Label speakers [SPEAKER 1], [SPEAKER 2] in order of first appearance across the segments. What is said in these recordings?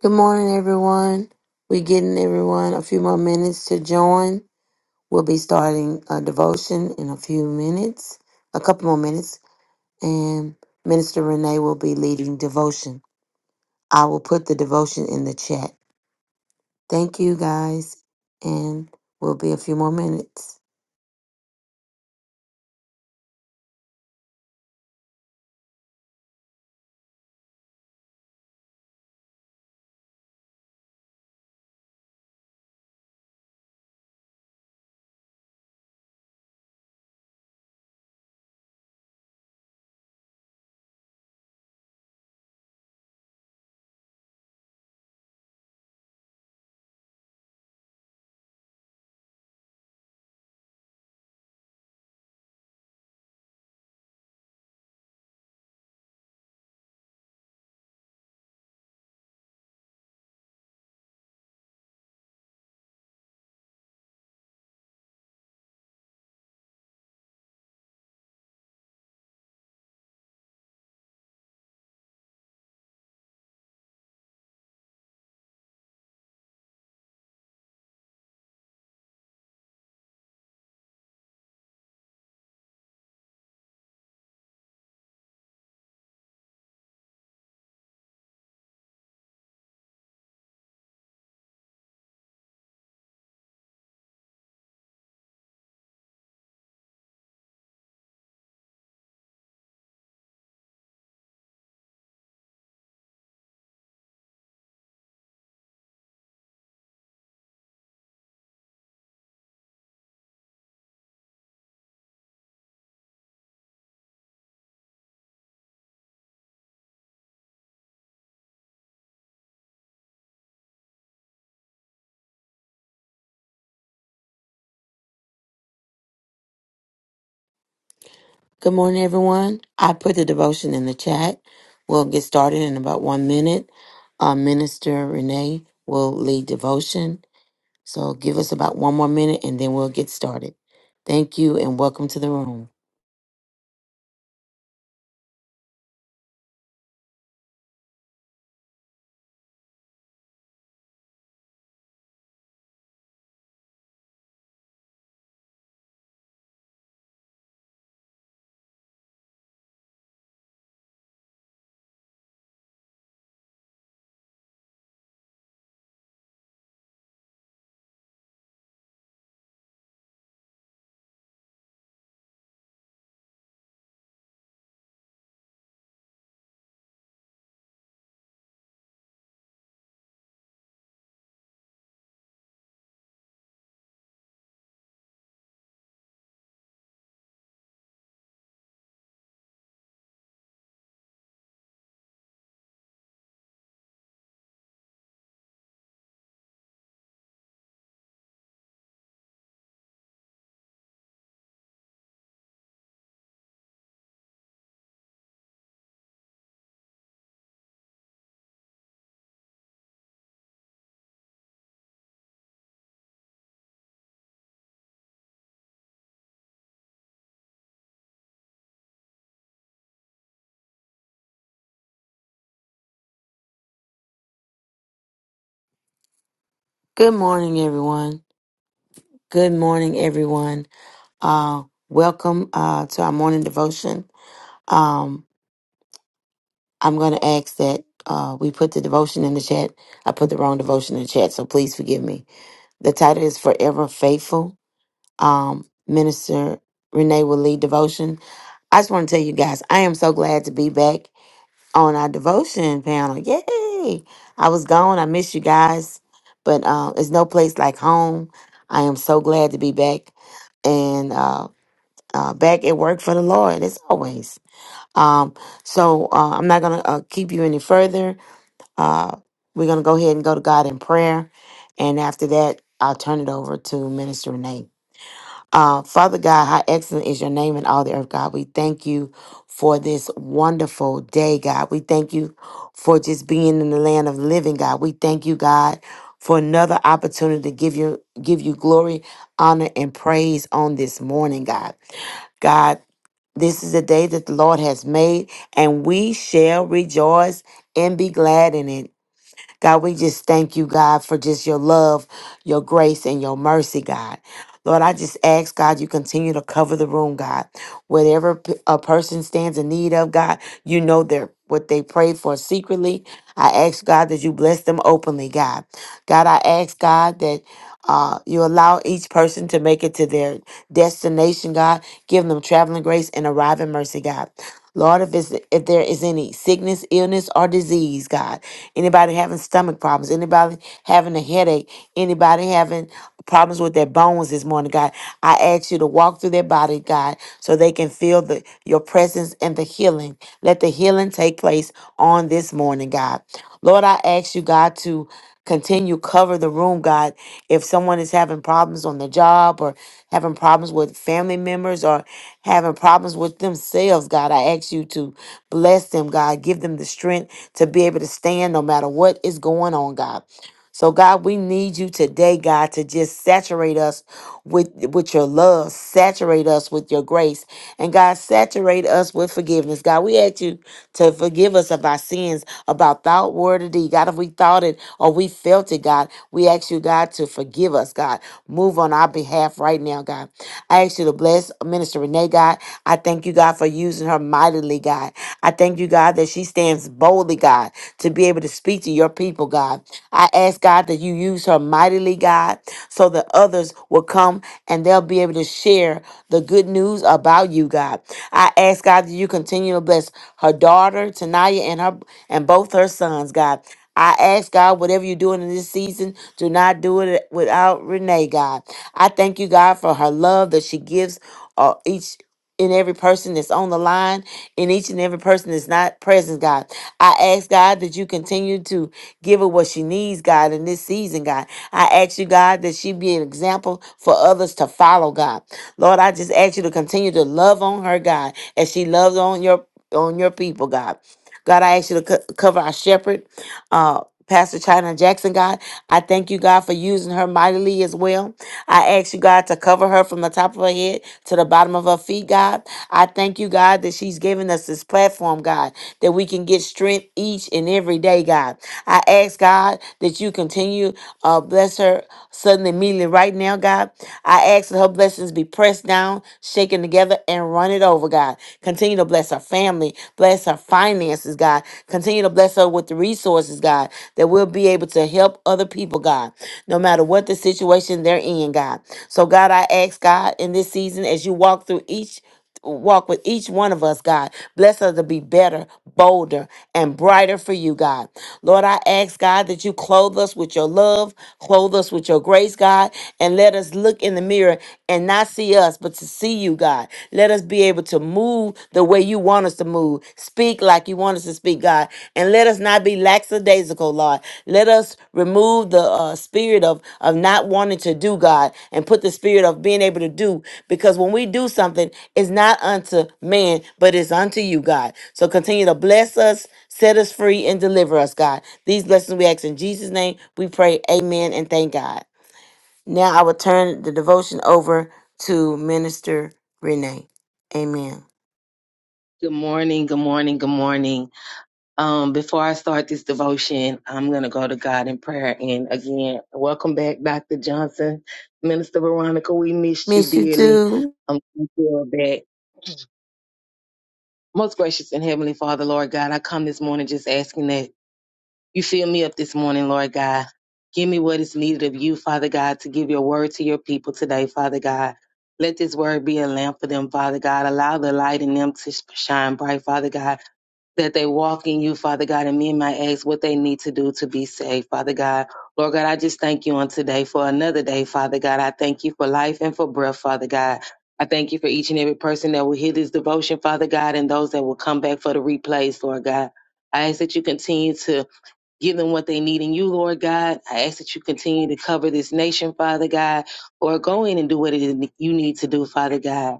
[SPEAKER 1] Good morning, everyone. We're getting everyone a few more minutes to join. We'll be starting a devotion in a few minutes, a couple more minutes, and Minister Renee will be leading devotion. I will put the devotion in the chat. Thank you, guys, and we'll be a few more minutes. Good morning, everyone. I put the devotion in the chat. We'll get started in about one minute. Uh, Minister Renee will lead devotion So give us about one more minute and then we'll get started. Thank you and welcome to the room. Good morning, everyone. Good morning, everyone. Uh, welcome uh, to our morning devotion. Um, I'm going to ask that uh, we put the devotion in the chat. I put the wrong devotion in the chat, so please forgive me. The title is Forever Faithful. Um, Minister Renee will lead devotion. I just want to tell you guys, I am so glad to be back. on our devotion panel. Yay! I was gone. I missed you guys, but uh, it's no place like home. I am so glad to be back and uh, uh, back at work for the Lord as always. Um, so uh, I'm not gonna uh, keep you any further. Uh, we're gonna go ahead and go to God in prayer, and after that, I'll turn it over to Minister Renee. Uh, Father God, how excellent is your name in all the earth, God. We thank you for this wonderful day, God. We thank you for just being in the land of living, God. We thank you, God, for another opportunity to give you give you glory, honor, and praise on this morning, God. God, this is a day that the Lord has made, and we shall rejoice and be glad in it. God, we just thank you, God, for just your love, your grace, and your mercy, God. Lord, I just ask, God, you continue to cover the room, God. Whatever p- a person stands in need of, God, you know their what they prayed for secretly. I ask, God, that you bless them openly, God. God, I ask God that uh, you allow each person to make it to their destination, God. Give them traveling grace and arriving mercy, God. Lord, if, it's, if there is any sickness, illness, or disease, God, anybody having stomach problems, anybody having a headache, anybody having problems with their bones this morning, God, I ask you to walk through their body, God, so they can feel the, your presence and the healing. Let the healing take place on this morning, God. Lord, I ask you, God, to Continue cover the room, God. If someone is having problems on the job or having problems with family members or having problems with themselves, God, I ask you to bless them, God. Give them the strength to be able to stand no matter what is going on, God. So God, we need you today, God, to just saturate us with with your love, saturate us with your grace, and God, saturate us with forgiveness. God, we ask you to forgive us of our sins, about thought, word, or deed. God, if we thought it or we felt it, God, we ask you, God, to forgive us. God, move on our behalf right now, God. I ask you to bless Minister Renee, God. I thank you, God, for using her mightily, God. I thank you, God, that she she stands boldly, God, to be able to speak to your people, God. I ask, God, that you use her mightily, God, so that others will come and they'll be able to share the good news about you, God. I ask, God, that you continue to bless her daughter, Tanaya, and her and both her sons, God. I ask God, whatever you're doing in this season, do not do it without Renee, God. I thank you, God, for her love that she gives uh, each in every person that's on the line, in each and every person that's not present, God. I ask, God, that you continue to give her what she needs, God, in this season, God. I ask you, God, that she be an example for others to follow, God. Lord, I just ask you to continue to love on her, God, as she loves on your on your people, God. God, I ask you to co- cover our shepherd uh, Pastor China Jackson, God. I thank you, God, for using her mightily as well. I ask you, God, to cover her from the top of her head to the bottom of her feet, God. I thank you, God, that she's given us this platform, God, that we can get strength each and every day, God. I ask, God, that you continue, uh, bless her suddenly, immediately, right now, God. I ask that her blessings be pressed down, shaken together, and run it over, God. Continue to bless her family family. Bless her finances, God. Continue to bless her with the resources, God, that we'll be able to help other people, God, no matter what the situation they're in, God. So, God, I ask, God, in this season, as you walk through each walk with each one of us, God. Bless us to be better, bolder, and brighter for you, God. Lord, I ask, God, that you clothe us with your love, clothe us with your grace, God, and let us look in the mirror and not see us, but but to see you, God. Let us be able to move the way you want us to move, speak like you want us to speak, God. And let us not be lackadaisical, Lord. Let us remove the uh, spirit of, of not wanting to do, God, and put the spirit of being able to do. Because when we do something, it's not unto man, but it's unto you, God. So continue to bless us, set us free, and deliver us, God. These blessings we ask in Jesus' name. We pray, Amen, and thank God. Now I will turn the devotion over to Minister Renee. Amen.
[SPEAKER 2] Good morning, good morning, good morning. Um, before I start this devotion, I'm going to go to God in prayer. And again, welcome back, Dr. Johnson. Minister Veronica, we missed you
[SPEAKER 1] Miss you
[SPEAKER 2] dearly.
[SPEAKER 1] too.
[SPEAKER 2] I'm thankful that most gracious and heavenly Father, Lord God, I come this morning just asking that you fill me up this morning, Lord God. Give me what is needed of you, Father God, to give your word to your people today, Father God. Let this word be a lamp for them, Father God. Allow the light in them to shine bright, Father God that they walk in you, Father God, and me and my ex, what they need to do to be saved, Father God. Lord God, I just thank you on today for another day, Father God. I thank you for life and for breath, Father God. I thank you for each and every person that will hear this devotion, Father God, and those that will come back for the replays, Lord God. I ask that you continue to give them what they need in you, Lord God. I ask that you continue to cover this nation, Father God, or go in and do what it is you need to do, Father God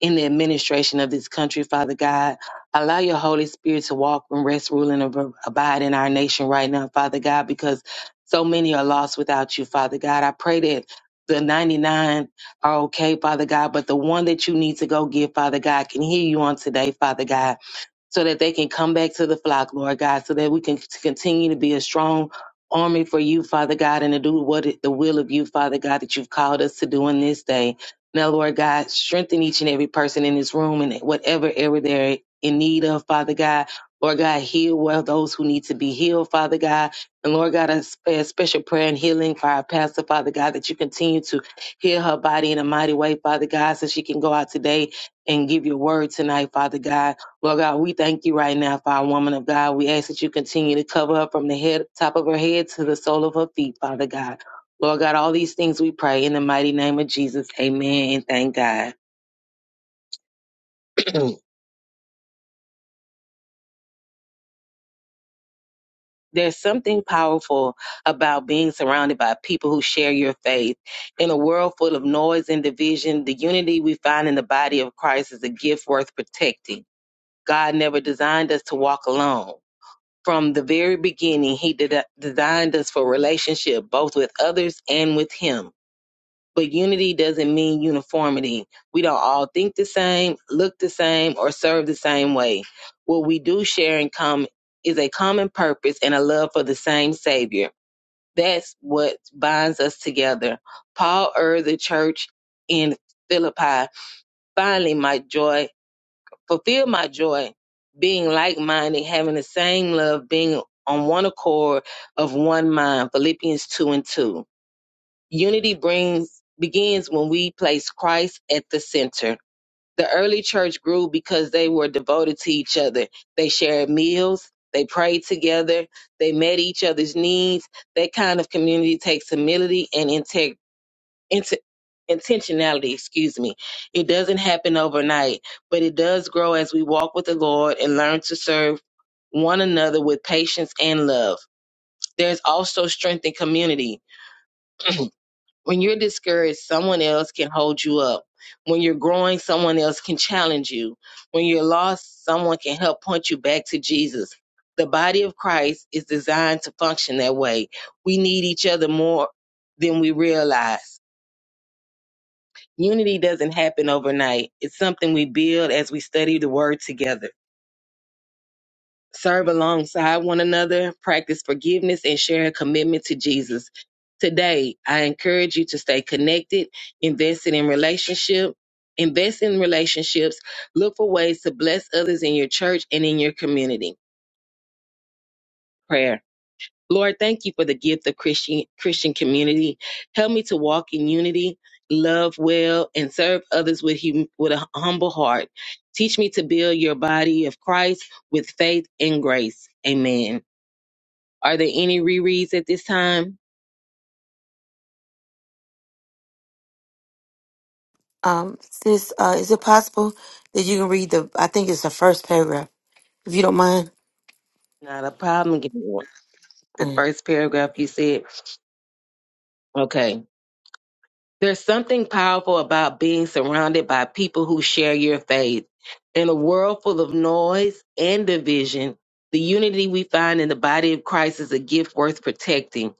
[SPEAKER 2] in the administration of this country, Father God. Allow your Holy Spirit to walk and rest, rule, and ab- abide in our nation right now, Father God, because so many are lost without you, Father God. I pray that the 99 are okay, Father God, but the one that you need to go get, Father God, can hear you on today, Father God so that they can come back to the flock, Lord God, so that we can continue to be a strong army for you, Father God, and to do what it, the will of you, Father God, that you've called us to do in this day. Now, Lord God, strengthen each and every person in this room and whatever area they're in need of, Father God. Lord God, heal well those who need to be healed, Father God. And Lord God, I pray a special prayer and healing for our pastor, Father God, that you continue to heal her body in a mighty way, Father God, so she can go out today and give your word tonight, Father God. Lord God, we thank you right now for our woman of God. We ask that you continue to cover her from the head, top of her head to the sole of her feet, Father God. Lord God, all these things we pray in the mighty name of Jesus. Amen and thank God. There's something powerful about being surrounded by people who share your faith. In a world full of noise and division, the unity we find in the body of Christ is a gift worth protecting. God never designed us to walk alone. From the very beginning, He de- designed us for relationship, both with others and with Him. But unity doesn't mean uniformity. We don't all think the same, look the same, or serve the same way. What we do share in common is a common purpose and a love for the same Savior. That's what binds us together. Paul urged the church in Philippi, finally, my joy Fulfill my joy, being like minded, having the same love, being on one accord of one mind. Philippians 2 and 2. Unity brings begins when we place Christ at the center. The early church grew because they were devoted to each other. They shared meals, they prayed together, they met each other's needs. That kind of community takes humility and integrity int- intentionality, excuse me. It doesn't happen overnight, but it does grow as we walk with the Lord and learn to serve one another with patience and love. There's also strength in community. When you're discouraged, someone else can hold you up. When you're growing, someone else can challenge you. When you're lost, someone can help point you back to Jesus. The body of Christ is designed to function that way. We need each other more than we realize. Unity doesn't happen overnight. It's something we build as we study the word together, serve alongside one another, practice forgiveness, and share a commitment to Jesus. Today, I encourage you to stay connected, invested in relationship, invest in relationships, look for ways to bless others in your church and in your community. Prayer. Lord, thank you for the gift of Christian Christian community. Help me to walk in unity, love well, and serve others with hum- with a humble heart. Teach me to build your body of Christ with faith and grace. Amen. Are there any rereads at this time?
[SPEAKER 1] Um, sis, uh, is it possible that you can read the, I think it's the first paragraph, if you don't mind?
[SPEAKER 2] Not a problem. Give me one. The
[SPEAKER 1] Mm,
[SPEAKER 2] first paragraph you said. Okay. There's something powerful about being surrounded by people who share your faith. In a world full of noise and division, the unity we find in the body of Christ is a gift worth protecting.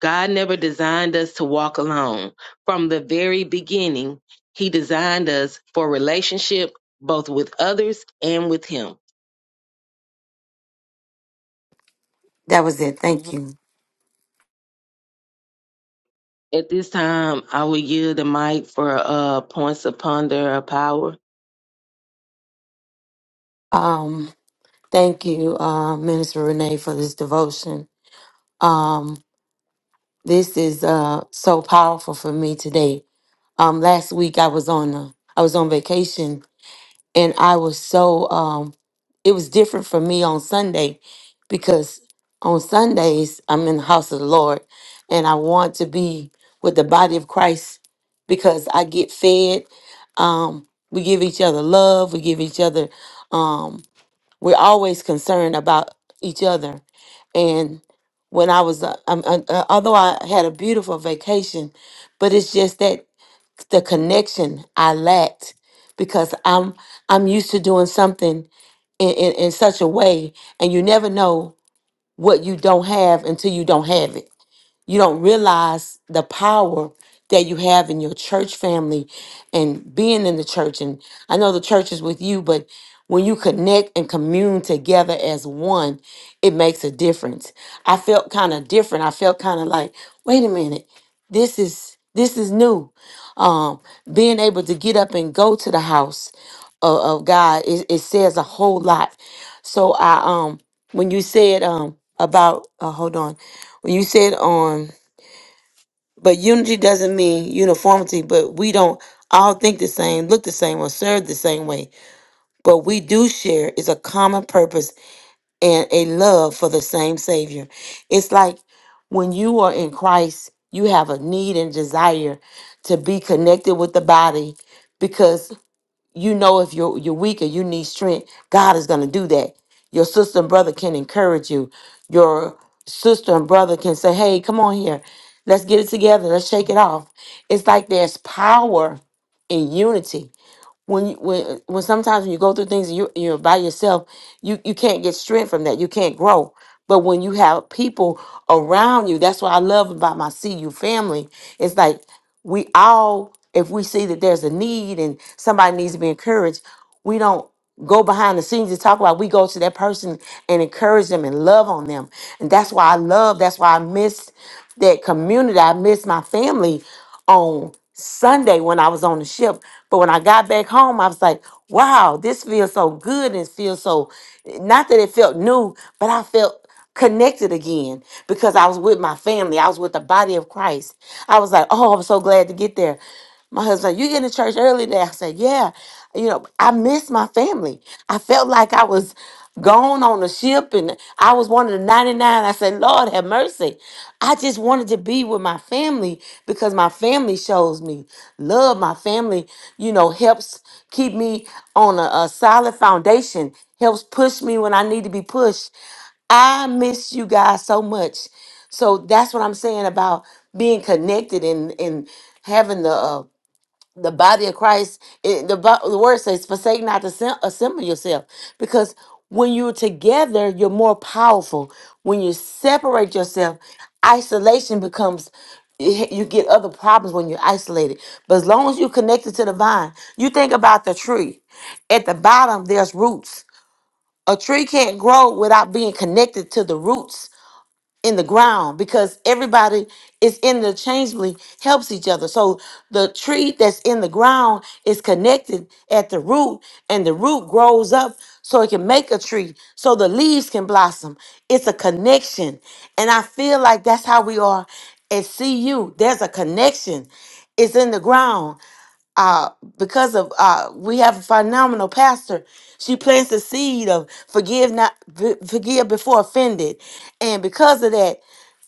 [SPEAKER 2] God never designed us to walk alone. From the very beginning, He designed us for relationship both with others and with Him.
[SPEAKER 1] That was it. Thank
[SPEAKER 2] Mhm.
[SPEAKER 1] you.
[SPEAKER 2] At this time, I will yield the mic for uh, points of ponder or power.
[SPEAKER 1] Um, thank you, uh, Minister Renee, for this devotion. Um, this is uh, so powerful for me today. Um, last week I was on, uh, I was on vacation and I was so um it was different for me on Sunday because on Sundays I'm in the house of the Lord and I want to be with the body of Christ because I get fed um we give each other love we give each other um we're always concerned about each other and when I was uh, um, uh, uh, although I had a beautiful vacation but it's just that the connection I lacked because I'm I'm used to doing something in, in, in such a way and you never know what you don't have until you don't have it you don't realize the power that you have in your church family and being in the church. And I know the church is with you, but when you connect and commune together as one, it makes a difference. I felt kind of different. I felt kind of like, wait a minute, this is this is new. Um, being able to get up and go to the house of, of God, it, it says a whole lot. So I um when you said um about uh, hold on when you said on but unity doesn't mean uniformity, but we don't all think the same, look the same, or serve the same way. But we do share is a common purpose and a love for the same Savior. It's like when you are in Christ, you have a need and desire to be connected with the body because you know if you're you're weak or you need strength, God is gonna do that. Your sister and brother can encourage you. Your sister and brother can say, Hey, come on here. Let's get it together. Let's shake it off. It's like there's power in unity when you, when when sometimes when you go through things and you you're by yourself, you you can't get strength from that. You can't grow. But when you have people around you, that's what I love about my CU family. It's like we all, if we see that there's a need and somebody needs to be encouraged, we don't go behind the scenes and talk about we go to that person and encourage them and love on them and that's why i love that's why i miss that community i miss my family on sunday when i was on the ship but when i got back home i was like wow this feels so good and feels so not that it felt new but i felt connected again because I was with my family. I was with the body of Christ. I was like, oh, I'm so glad to get there. My husband, you getting to church early today? I said, yeah. You know, I miss my family. I felt like I was gone on the ship and I was one of the 99. I said, Lord, have mercy. I just wanted to be with my family because my family shows me love. My family, you know, helps keep me on a, a solid foundation, helps push me when I need to be pushed. I miss you guys so much. So that's what I'm saying about being connected and and having the uh, the body of Christ. It, the Bi- the word says, "Forsake not to sem- assemble yourself," because when you're together, you're more powerful. When you separate yourself, isolation becomes. You you get other problems when you're isolated. But as long as you're connected to the vine, you think about the tree. At the bottom, there's roots a tree can't grow without being connected to the roots in the ground because everybody is interchangeably helps each other. So the tree that's in the ground is connected at the root and the root grows up so it can make a tree so the leaves can blossom. It's a connection. And I feel like that's how we are at CU. There's a connection. It's in the ground uh, because of uh, we have a phenomenal pastor. She plants the seed of forgive not forgive before offended, and because of that.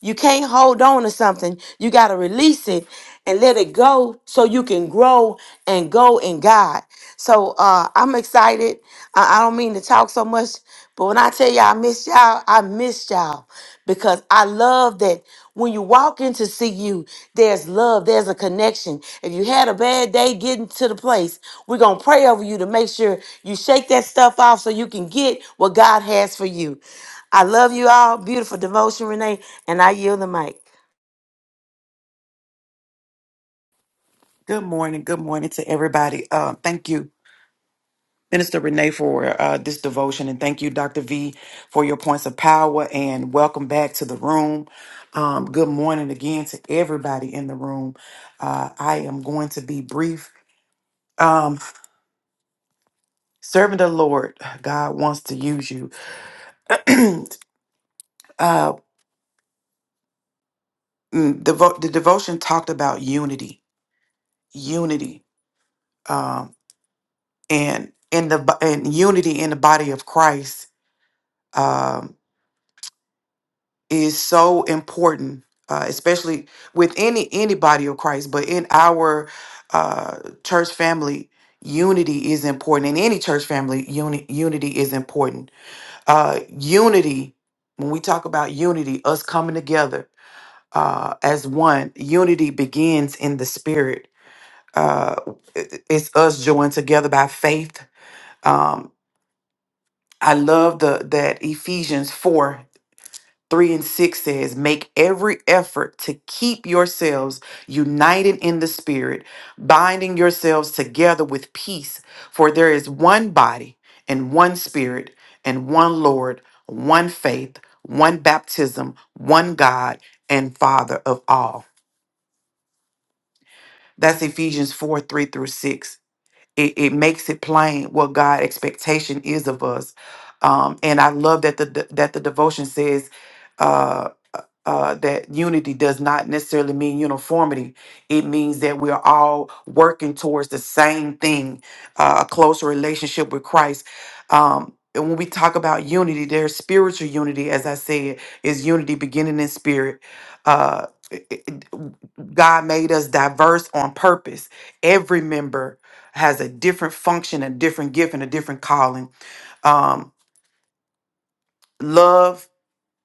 [SPEAKER 1] You can't hold on to something. You got to release it and let it go so you can grow and go in God. So uh, I'm excited. I, I don't mean to talk so much, but when I tell y'all I miss y'all, I miss y'all because I love that when you walk into see you, there's love, there's a connection. If you had a bad day getting to the place, we're going to pray over you to make sure you shake that stuff off so you can get what God has for you. I love you all. Beautiful devotion, Renee. And I yield the mic.
[SPEAKER 3] Good morning. Good morning to everybody. Uh, thank you, Minister Renee, for uh, this devotion, and thank you, Dr. V, for your points of power. And welcome back to the room. Um, good morning again to everybody in the room. Uh, I am going to be brief. Um, servant of the Lord, God wants to use you. uh, mm, devo- the devotion talked about unity, unity, um, and in the bo- and unity in the body of Christ. um, is so important, uh, especially with any any body of Christ, but in our uh, church family, unity is important. In any church family, uni- unity is important. Uh, unity, when we talk about unity, us coming together uh, as one, unity begins in the spirit. Uh, it- it's us joined together by faith. Um, I love the that Ephesians four. 3 and 6 says, Make every effort to keep yourselves united in the Spirit, binding yourselves together with peace, for there is one body and one Spirit and one Lord, one faith, one baptism, one God and Father of all. That's Ephesians 4 3 through 6. It, it makes it plain what God' expectation is of us. Um, and I love that the that the devotion says. uh, uh, that unity does not necessarily mean uniformity. It means that we're all working towards the same thing, uh, a closer relationship with Christ. Um, and when we talk about unity, there's spiritual unity, as I said, is unity beginning in spirit. Uh, it- it- God made us diverse on purpose. Every member has a different function, a different gift, and a different calling. Um, love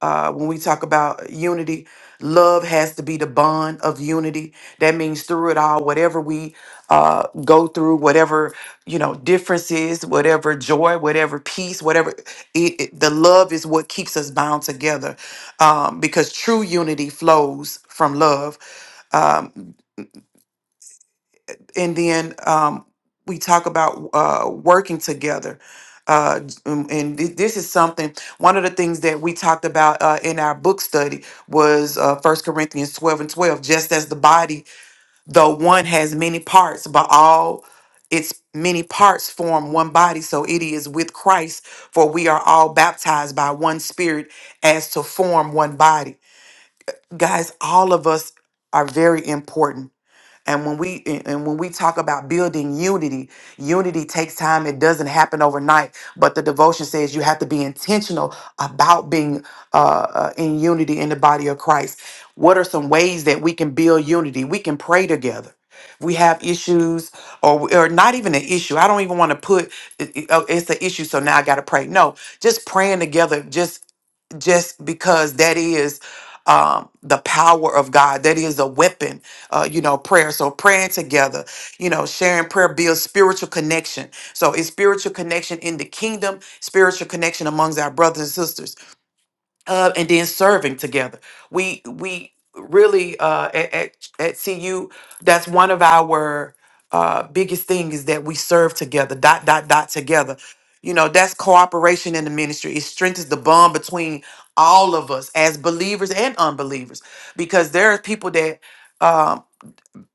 [SPEAKER 3] uh, when we talk about unity, love has to be the bond of unity. That means through it all, whatever we uh, go through, whatever you know, differences, whatever joy, whatever peace, whatever it, it- the love is what keeps us bound together. Um, because true unity flows from love. Um, and then um, we talk about uh, working together. Uh, j- um, and thi- this is something. One of the things that we talked about uh, in our book study was uh, First Corinthians twelve and twelve. Just as the body, though one has many parts, but all its many parts form one body. So it is with Christ, for we are all baptized by one Spirit, as to form one body. Guys, all of us are very important and when we and and when we talk about building unity, unity takes time. It doesn't happen overnight. But the devotion says you have to be intentional about being uh, uh, in unity in the body of Christ. What are some ways that we can build unity? We can pray together. We have issues, or or not even an issue. I don't even want to put it- it- oh, it's an issue, so now I got to pray. No, just praying together, just just because that is um, the power of God. That is a weapon uh, you know, prayer. So praying together, you know, sharing prayer builds spiritual connection. So it's spiritual connection in the kingdom, spiritual connection amongst our brothers and sisters, uh, and then serving together. We we really uh, at, at at CU, that's one of our uh, biggest things is that we serve together. Dot dot dot together. You know, that's cooperation in the ministry. It strengthens the bond between all of us as believers and unbelievers because there are people that. um,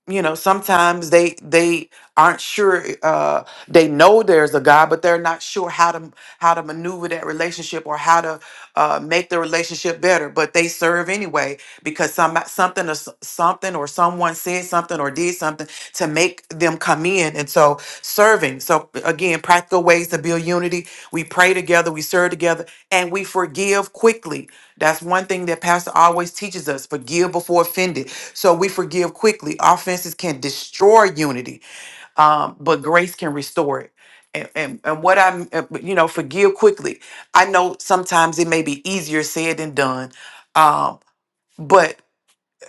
[SPEAKER 3] you know sometimes they they aren't sure uh they know there's a god but they're not sure how to how to maneuver that relationship or how to uh make the relationship better but they serve anyway because some something or s- something or someone said something or did something to make them come in and so serving so again practical ways to build unity we pray together we serve together and we forgive quickly that's one thing that pastor always teaches us forgive before offended so we forgive quickly. Offenses can destroy unity, um, but grace can restore it. And, and, and what I'm, uh, you know, forgive quickly. I know sometimes it may be easier said than done, um, but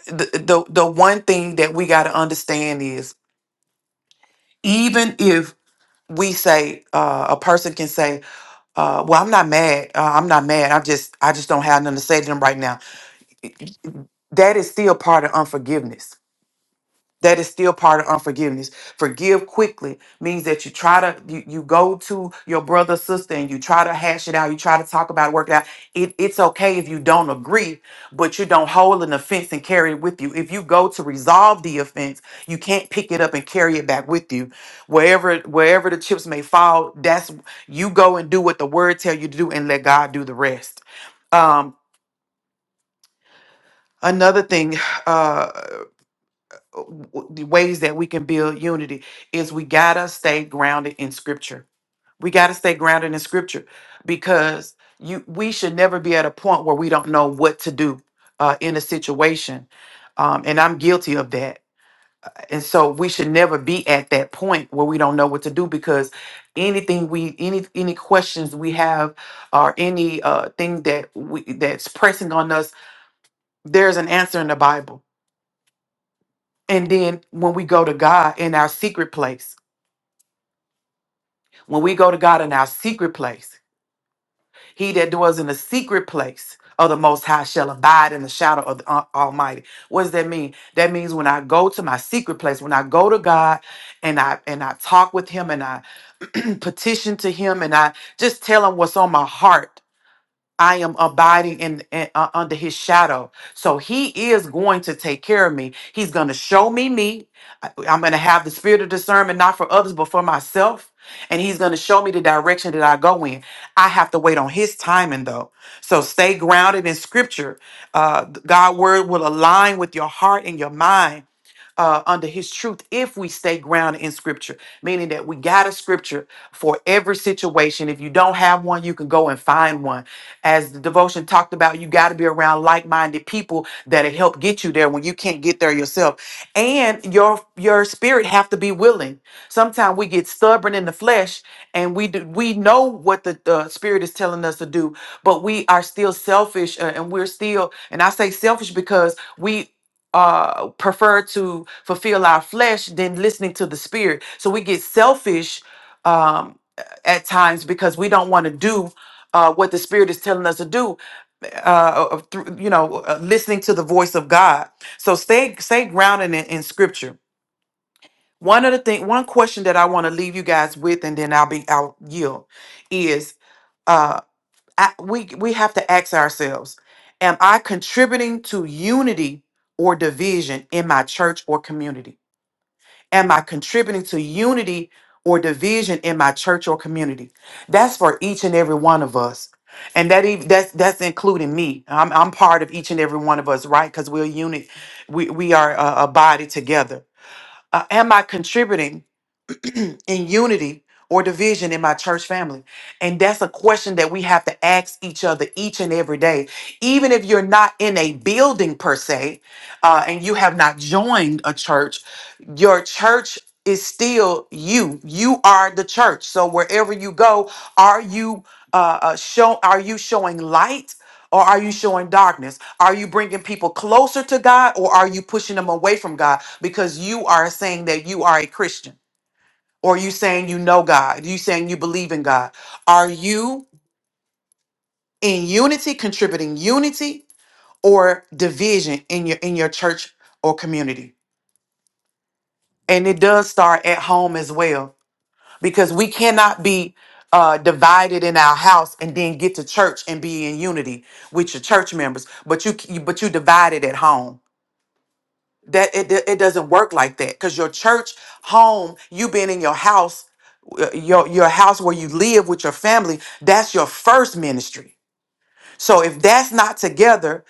[SPEAKER 3] the, the the one thing that we got to understand is even if we say uh, a person can say, uh, "Well, I'm not mad. Uh, I'm not mad. I just I just don't have nothing to say to them right now." That is still part of unforgiveness That is still part of unforgiveness. Forgive quickly means that you try to you, you go to your brother, sister, and you try to hash it out. You try to talk about it, work it out. It, it's okay if you don't agree, but you don't hold an offense and carry it with you. If you go to resolve the offense, you can't pick it up and carry it back with you. Wherever wherever the chips may fall, that's you go and do what the word tell you to do and let God do the rest. Um, another thing, uh, uh, the ways that we can build unity is we gotta stay grounded in scripture. We gotta stay grounded in scripture because you we should never be at a point where we don't know what to do uh, in a situation. Um, and I'm guilty of that. And so we should never be at that point where we don't know what to do because anything we any any questions we have or any uh thing that we that's pressing on us, there's an answer in the Bible. And then when we go to God in our secret place When we go to God in our secret place, he that dwells in the secret place of the Most High shall abide in the shadow of the Al- Almighty. What does that mean? That means when I go to my secret place, when I go to God and I and I talk with Him and I petition to Him and I just tell Him what's on my heart I am abiding in, in- uh, under his shadow. So he is going to take care of me. He's going to show me me. I- I'm going to have the spirit of discernment, not for others, but for myself. And he's going to show me the direction that I go in. I have to wait on his timing, though. So stay grounded in scripture. Uh, God's word will align with your heart and your mind uh, under his truth if we stay grounded in scripture, meaning that we got a scripture for every situation. If you don't have one, you can go and find one. As the devotion talked about, you got to be around like minded people that'll help get you there when you can't get there yourself. And your your spirit have to be willing. Sometimes we get stubborn in the flesh and we do, we know what the, the spirit is telling us to do, but we are still selfish uh, and we're still and I say selfish because we uh prefer to fulfill our flesh than listening to the spirit so we get selfish um at times because we don't want to do uh what the spirit is telling us to do uh uh, through you know uh, listening to the voice of god so stay stay grounded in, in scripture one of the thing one question that i want to leave you guys with and then i'll be i'll yield is uh, I, we we have to ask ourselves am i contributing to unity or division in my church or community am i contributing to unity or division in my church or community that's for each and every one of us and that even that's that's including me i'm, I'm part of each and every one of us right because we're a unit we, we are a, a body together Uh, am i contributing in unity or division in my church family? And that's a question that we have to ask each other each and every day. Even if you're not in a building per se, uh, and you have not joined a church, your church is still you. You are the church. So wherever you go, are you uh, uh, show? Are you showing light? Or are you showing darkness? Are you bringing people closer to God or are you pushing them away from God because you are saying that you are a Christian? Or are you saying you know God? Are you saying you believe in God? Are you in unity, contributing unity or division in your in your church or community? And it does start at home as well, because we cannot be uh, divided in our house and then get to church and be in unity with your church members, but you but you divided at home. that it, it it doesn't work like that because your church home you being in your house uh, your your house where you live with your family that's your first ministry so if that's not together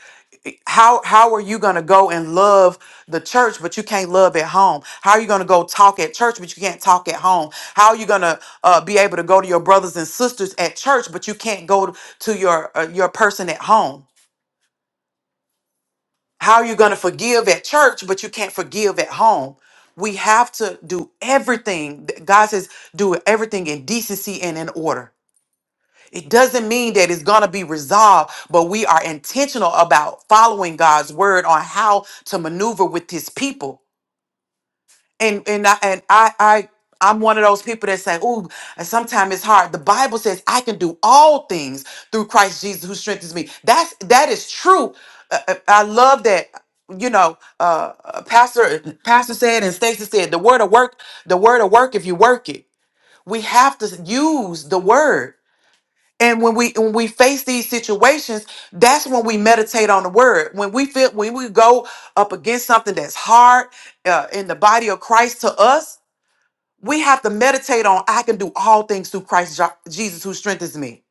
[SPEAKER 3] how how are you going to go and love the church but you can't love at home how are you going to go talk at church but you can't talk at home how are you going to uh, be able to go to your brothers and sisters at church but you can't go to your uh, your person at home How are you going to forgive at church, but you can't forgive at home? We have to do everything. God says, do everything in decency and in order. It doesn't mean that it's going to be resolved, but we are intentional about following God's word on how to maneuver with his people and and I and I I I'm one of those people that say, "Ooh, sometimes it's hard." The Bible says, "I can do all things through Christ Jesus who strengthens me." That's that is true. Uh, uh, I love that. You know, uh, uh, Pastor Pastor said and Stacy said, "The word of work, the word of work. If you work it, we have to use the word." And when we when we face these situations, that's when we meditate on the word. When we feel when we go up against something that's hard uh, in the body of Christ to us, we have to meditate on I can do all things through Christ Jo- Jesus who strengthens me.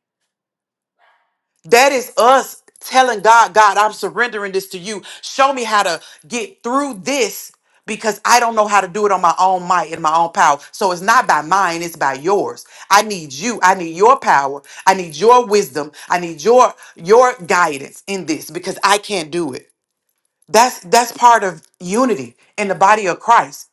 [SPEAKER 3] That is us telling God, God, I'm surrendering this to you. Show me how to get through this because I don't know how to do it on my own might and my own power. So it's not by mine, it's by yours. I need you. I need your power. I need your wisdom. I need your your guidance in this because I can't do it. That's that's part of unity in the body of Christ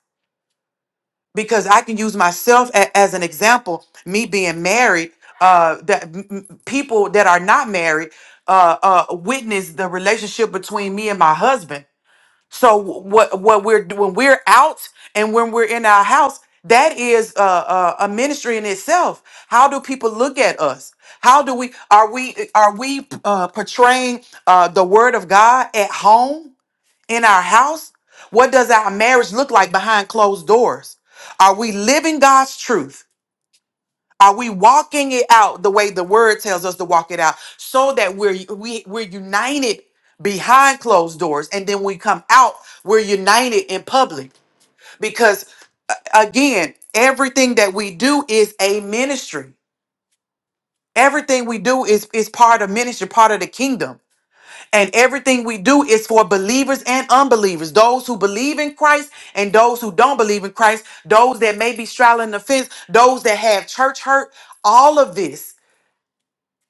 [SPEAKER 3] because I can use myself a- as an example. Me being married, uh, that m- m- people that are not married uh, uh, witness the relationship between me and my husband. So what what we're when we're out and when we're in our house, that is uh, uh, a ministry in itself. How do people look at us? How do we are we are we uh, portraying uh, the word of God at home? in our house? What does our marriage look like behind closed doors? Are we living God's truth? Are we walking it out the way the word tells us to walk it out so that we're we, we're united behind closed doors and then we come out we're united in public because again everything that we do is a ministry everything we do is is part of ministry part of the kingdom And everything we do is for believers and unbelievers, those who believe in Christ and those who don't believe in Christ, those that may be straddling the fence, those that have church hurt, all of this,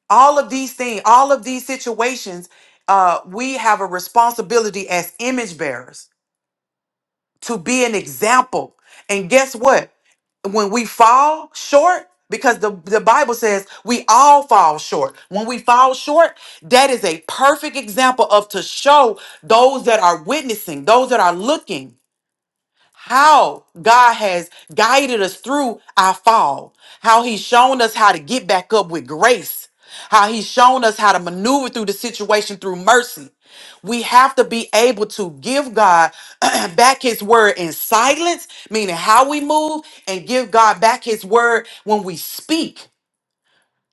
[SPEAKER 3] all of these things, all of these situations, uh, we have a responsibility as image bearers to be an example. And guess what? When we fall short, because the, the Bible says we all fall short. When we fall short, that is a perfect example of to show those that are witnessing, those that are looking how God has guided us through our fall, how He's shown us how to get back up with grace, how He's shown us how to maneuver through the situation through mercy. We have to be able to give God back His word in silence, meaning how we move, and give God back His word when we speak.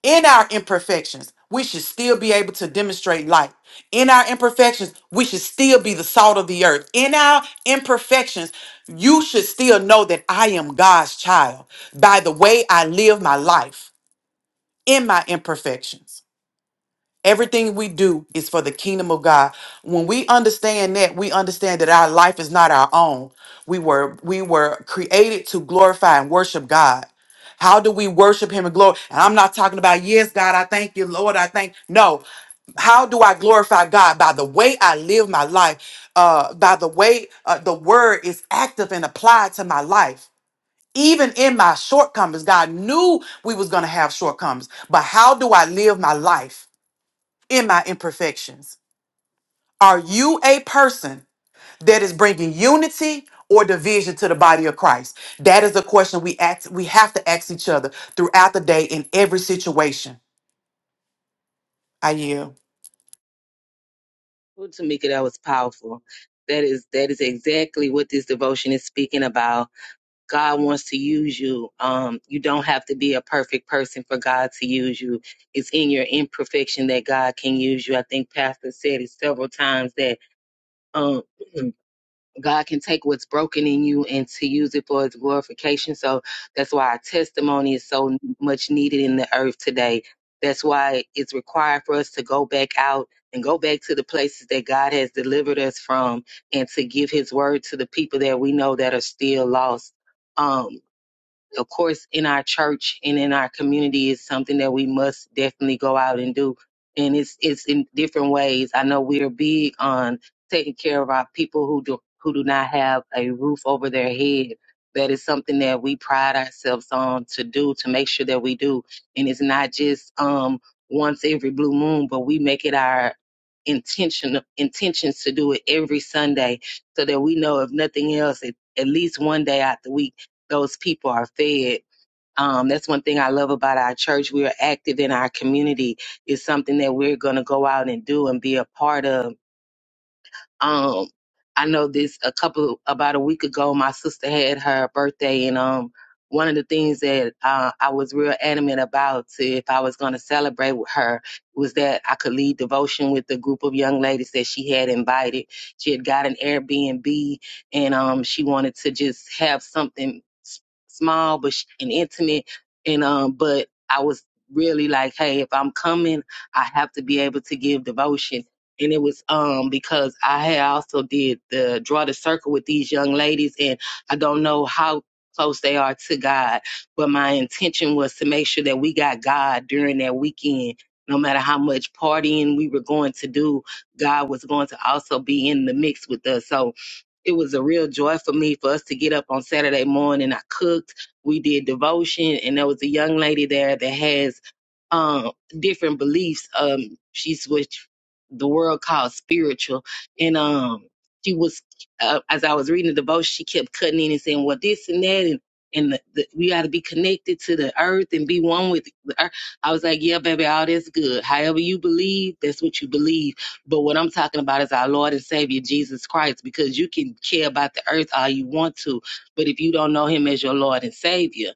[SPEAKER 3] In our imperfections, we should still be able to demonstrate light. In our imperfections, we should still be the salt of the earth. In our imperfections, you should still know that I am God's child by the way I live my life in my imperfections. Everything we do is for the kingdom of God. When we understand that, we understand that our life is not our own. We were we were created to glorify and worship God. How do we worship him and glory? And I'm not talking about yes, God, I thank you, Lord, I thank. No. How do I glorify God? By the way I live my life, uh, by the way uh, the word is active and applied to my life even in my shortcomings god knew we was going to have shortcomings but how do i live my life in my imperfections? Are you a person that is bringing unity or division to the body of Christ? That is a question we ask, we have to ask each other throughout the day in every situation. I yield.
[SPEAKER 2] Well, Tamika, that was powerful. That is that is exactly what this devotion is speaking about. God wants to use you. Um, you don't have to be a perfect person for God to use you. It's in your imperfection that God can use you. I think Pastor said it several times that um God can take what's broken in you and to use it for his glorification. So that's why our testimony is so much needed in the earth today. That's why it's required for us to go back out and go back to the places that God has delivered us from and to give his word to the people that we know that are still lost. Um, of course, in our church and in our community is something that we must definitely go out and do. And it's it's in different ways. I know we are big on taking care of our people who do who do not have a roof over their head. That is something that we pride ourselves on to do to make sure that we do. And it's not just um once every blue moon, but we make it our intention intentions to do it every Sunday so that we know if nothing else at, at least one day out the week those people are fed. Um, that's one thing I love about our church. We are active in our community. It's something that we're going to go out and do and be a part of um, I know this a couple about a week ago. My sister had her birthday, and um, one of the things that uh, I was real adamant about to, if I was going to celebrate with her was that I could lead devotion with the group of young ladies that she had invited. She had got an Airbnb, and um, she wanted to just have something s- small but sh- and intimate, and um, but I was really like, hey, if I'm coming, I have to be able to give devotion and it was um because I had also did the draw the circle with these young ladies, and I don't know how close they are to God, but my intention was to make sure that we got God during that weekend. No matter how much partying we were going to do, God was going to also be in the mix with us. So it was a real joy for me for us to get up on Saturday morning. I cooked, we did devotion, and there was a young lady there that has um, different beliefs. Um, she's what the world calls spiritual, and um, she was uh, as I was reading the devotion, she kept cutting in and saying, "Well, this and that," and and the, the, we got to be connected to the earth and be one with the earth. I was like, "Yeah, baby, all that's good. However you believe, that's what you believe." But what I'm talking about is our Lord and Savior Jesus Christ, because you can care about the earth all you want to, but if you don't know Him as your Lord and Savior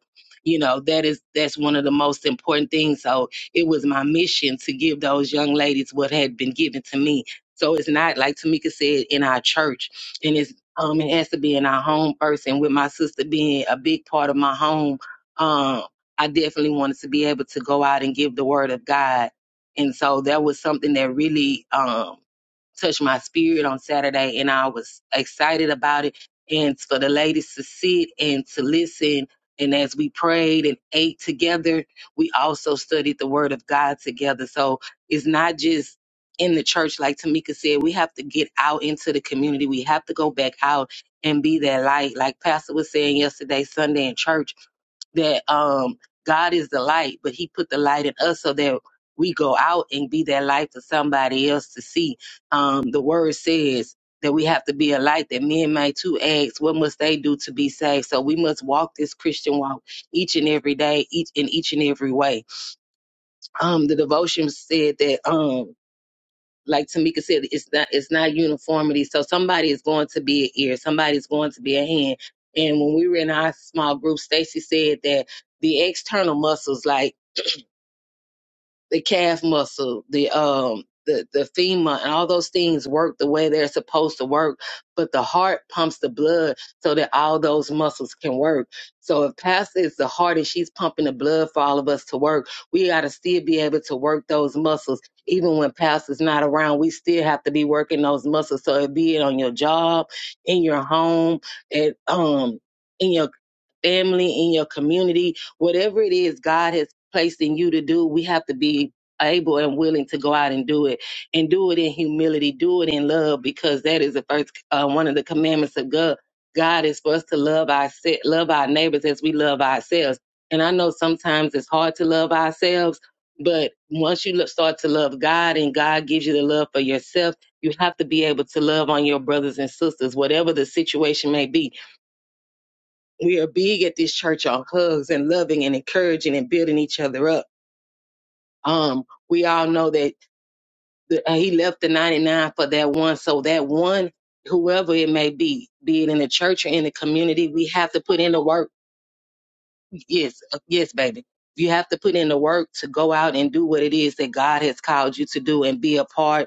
[SPEAKER 2] you know that is that's one of the most important things so it was my mission to give those young ladies what had been given to me so it's not like tamika said in our church and it's um it has to be in our home first and with my sister being a big part of my home um i definitely wanted to be able to go out and give the word of god and so that was something that really um touched my spirit on Saturday, and I was excited about it. And for the ladies to sit and to listen, and as we prayed and ate together, we also studied the Word of God together. So it's not just in the church, like Tamika said, we have to get out into the community. We have to go back out and be that light, like Pastor was saying yesterday, Sunday in church that um God is the light, but He put the light in us so that we go out and be that light for somebody else to see. Um, the word says that we have to be a light that men may too ask, what must they do to be saved? So we must walk this Christian walk each and every day, each in each and every way. Um, the devotion said that um like Tamika said, it's not it's not uniformity. So somebody is going to be an ear, somebody's going to be a hand. And when we were in our small group, Stacy said that the external muscles, like the calf muscle, the um the, the femur and all those things work the way they're supposed to work, but the heart pumps the blood so that all those muscles can work. So if Pastor is the heart and she's pumping the blood for all of us to work, we gotta still be able to work those muscles. Even when Pastor's not around, we still have to be working those muscles. So it be it on your job, in your home, at um in your family, in your community, whatever it is God has placed in you to do, we have to be able and willing to go out and do it and do it in humility, do it in love, because that is the first uh, one of the commandments of God. God is for us to love our love our neighbors as we love ourselves. And I know sometimes it's hard to love ourselves, but once you lo- start to love God and God gives you the love for yourself, you have to be able to love on your brothers and sisters, whatever the situation may be we are big at this church on hugs and loving and encouraging and building each other up. Um, we all know that the, uh, he left the 99 for that one. So that one, whoever it may be, be it in the church or in the community, we have to put in the work. Yes, uh, yes, baby. You have to put in the work to go out and do what it is that God has called you to do and be a part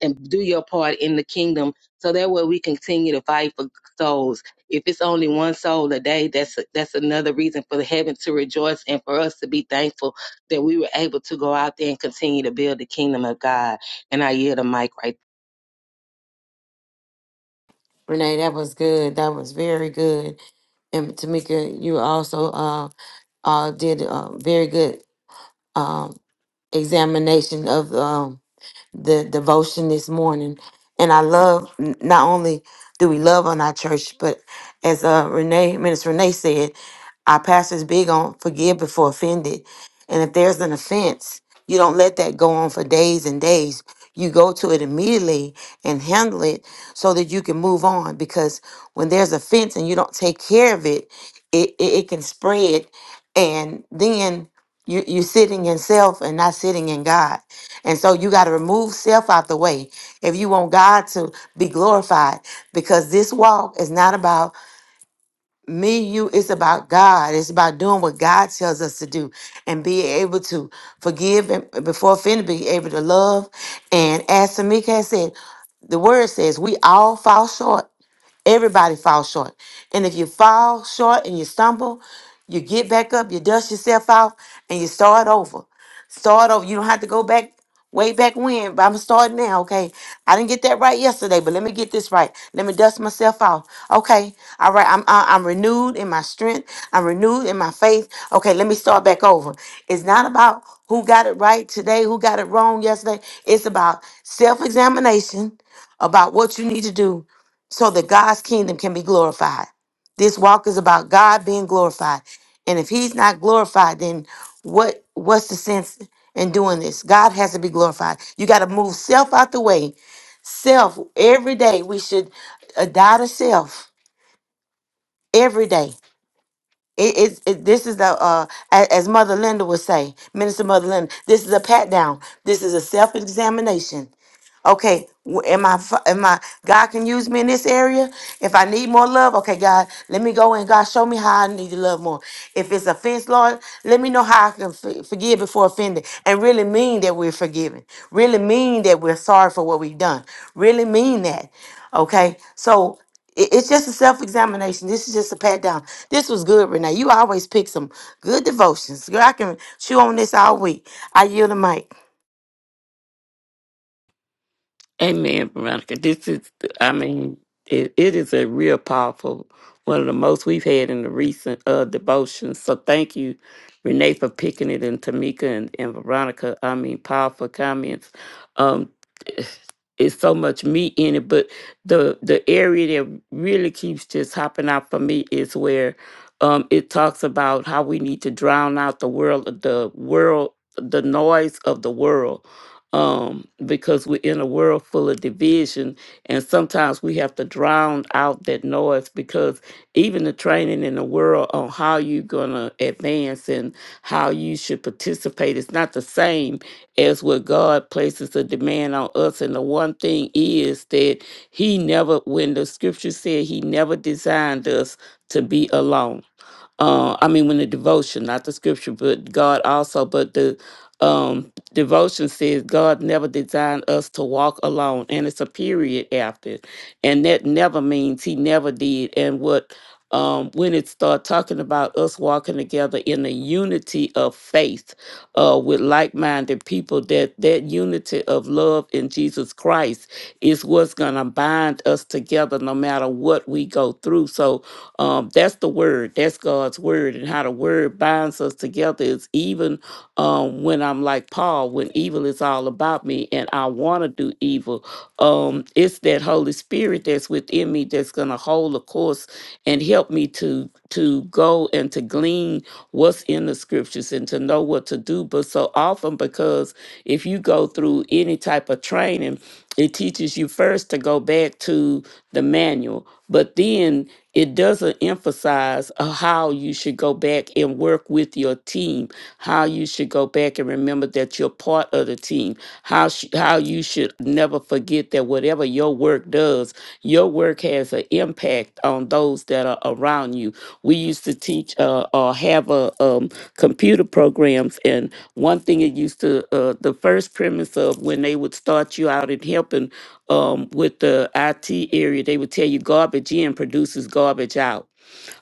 [SPEAKER 2] and do your part in the kingdom so that way we continue to fight for souls if it's only one soul a day that's that's another reason for the heaven to rejoice and for us to be thankful that we were able to go out there and continue to build the kingdom of god and i yield the mic right
[SPEAKER 1] Renee, that was good. That was very good. And Tamika, you also uh, uh, did a very good um, examination of um, the devotion this morning. And I love n- not only do we love on our church, but as uh, Renee, Minister Renee said, our pastor's big on forgive before offended. And if there's an offense, you don't let that go on for days and days. You go to it immediately and handle it so that you can move on. Because when there's offense and you don't take care of it, it, it, it can spread. And then you, you're sitting in self and not sitting in God. And so you got to remove self out the way if you want God to be glorified because this walk is not about me, you, it's about God. It's about doing what God tells us to do and be able to forgive and before offended, be able to love. And as Tamika has said, the word says we all fall short Everybody falls short. And if you fall short and you stumble, you get back up, you dust yourself off, and you start over. Start over. You don't have to go back way back when, but I'm starting now, okay? I didn't get that right yesterday, but let me get this right. Let me dust myself off. Okay. All right. I'm I- I'm renewed in my strength. I'm renewed in my faith. Okay, let me start back over. It's not about who got it right today, who got it wrong yesterday. It's about self-examination, about what you need to do so that God's kingdom can be glorified. This walk is about God being glorified. And if he's not glorified, then what what's the sense in doing this? God has to be glorified. You got to move self out the way. Self every day we should uh, die to self every day. It, it's- it, this is the uh, a- as Mother Linda would say, Minister Mother Linda. This is a pat down. This is a self examination Okay, w- am I, f- am I, God can use me in this area? If I need more love, okay, God, let me go and God, show me how I need to love more. If it's offense, Lord, let me know how I can f- forgive before offended and really mean that we're forgiven, really mean that we're sorry for what we've done, really mean that. Okay, so it- it's just a self examination. This is just a pat down. This was good, Renee. You always pick some good devotions. Girl, I can chew on this all week. I yield the mic.
[SPEAKER 4] Amen, Veronica. This is, I mean, it, it is a real powerful, one of the most we've had in the recent uh, devotions. So thank you, Renee, for picking it, and Tamika and, and Veronica. I mean, powerful comments. Um, eh, it's so much meat in it, but the the area that really keeps just hopping out for me is where um, it talks about how we need to drown out the world, the world, the noise of the world um, because we're in a world full of division, and sometimes we have to drown out that noise because even the training in the world on how you're gonna advance and how you should participate is not the same as what God places a demand on us. And the one thing is that He never, when the Scripture said He never designed us to be alone uh, I mean, when the devotion, not the scripture, but God also, but the um, devotion says God never designed us to walk alone, and it's a period after, it. and that never means He never did. And what um, when it start talking about us walking together in the unity of faith uh, with like-minded people, that that unity of love in Jesus Christ is what's gonna bind us together, no matter what we go through. So um, that's the word. That's God's word, and how the word binds us together is even um, when I'm like Paul, when evil is all about me and I want to do evil. Um, it's that Holy Spirit that's within me that's gonna hold the course and help me to to go and to glean what's in the scriptures and to know what to do. But so often, because if you go through any type of training it teaches you first to go back to the manual, but then it doesn't emphasize uh, how you should go back and work with your team, how you should go back and remember that you're part of the team, how sh- how you should never forget forget that whatever your work does, your work has an impact on those that are around you. We used to teach uh, or have a um, computer programs, and one thing it used to uh, the first premise of when they would start you out in helping um, with the IT area, they would tell you garbage in produces garbage out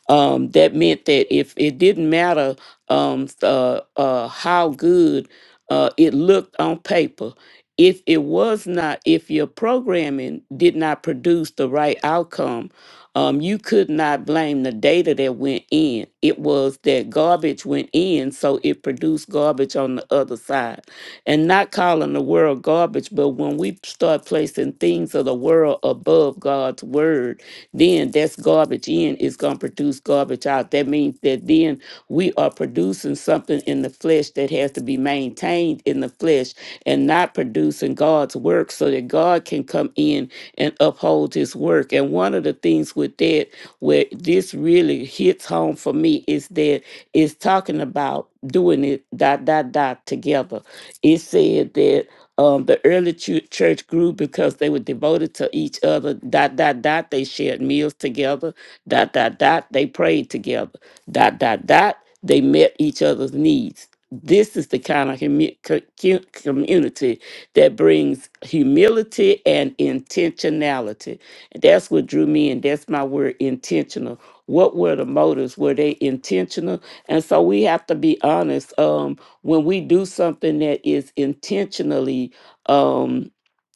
[SPEAKER 4] um, that meant that if it didn't matter um, uh, uh, how good uh, it looked on paper, if it was not, if your programming did not produce the right outcome, um, you could not blame the data that went in. It was that garbage went in, so it produced garbage on the other side and not calling the world garbage, but when we start placing things of the world above God's word, then that's garbage in is going to produce garbage out. That means that then we are producing something in the flesh that has to be maintained in the flesh and not producing God's work so that God can come in and uphold his work. And one of the things with that, where this really hits home for me, is that it's talking about doing it it dot dot dot together. It said that um, the early chu- church grew because they were devoted to each other. Dot dot dot. They shared meals together. Dot dot dot. They prayed together. Dot dot dot. They met each other's needs. This is the kind of commu- co- cu- community that brings humility and intentionality. That's what drew me in. That's my word, intentional. What were the motives? Were they intentional? And so we have to be honest. Um, when we do something that is intentionally um,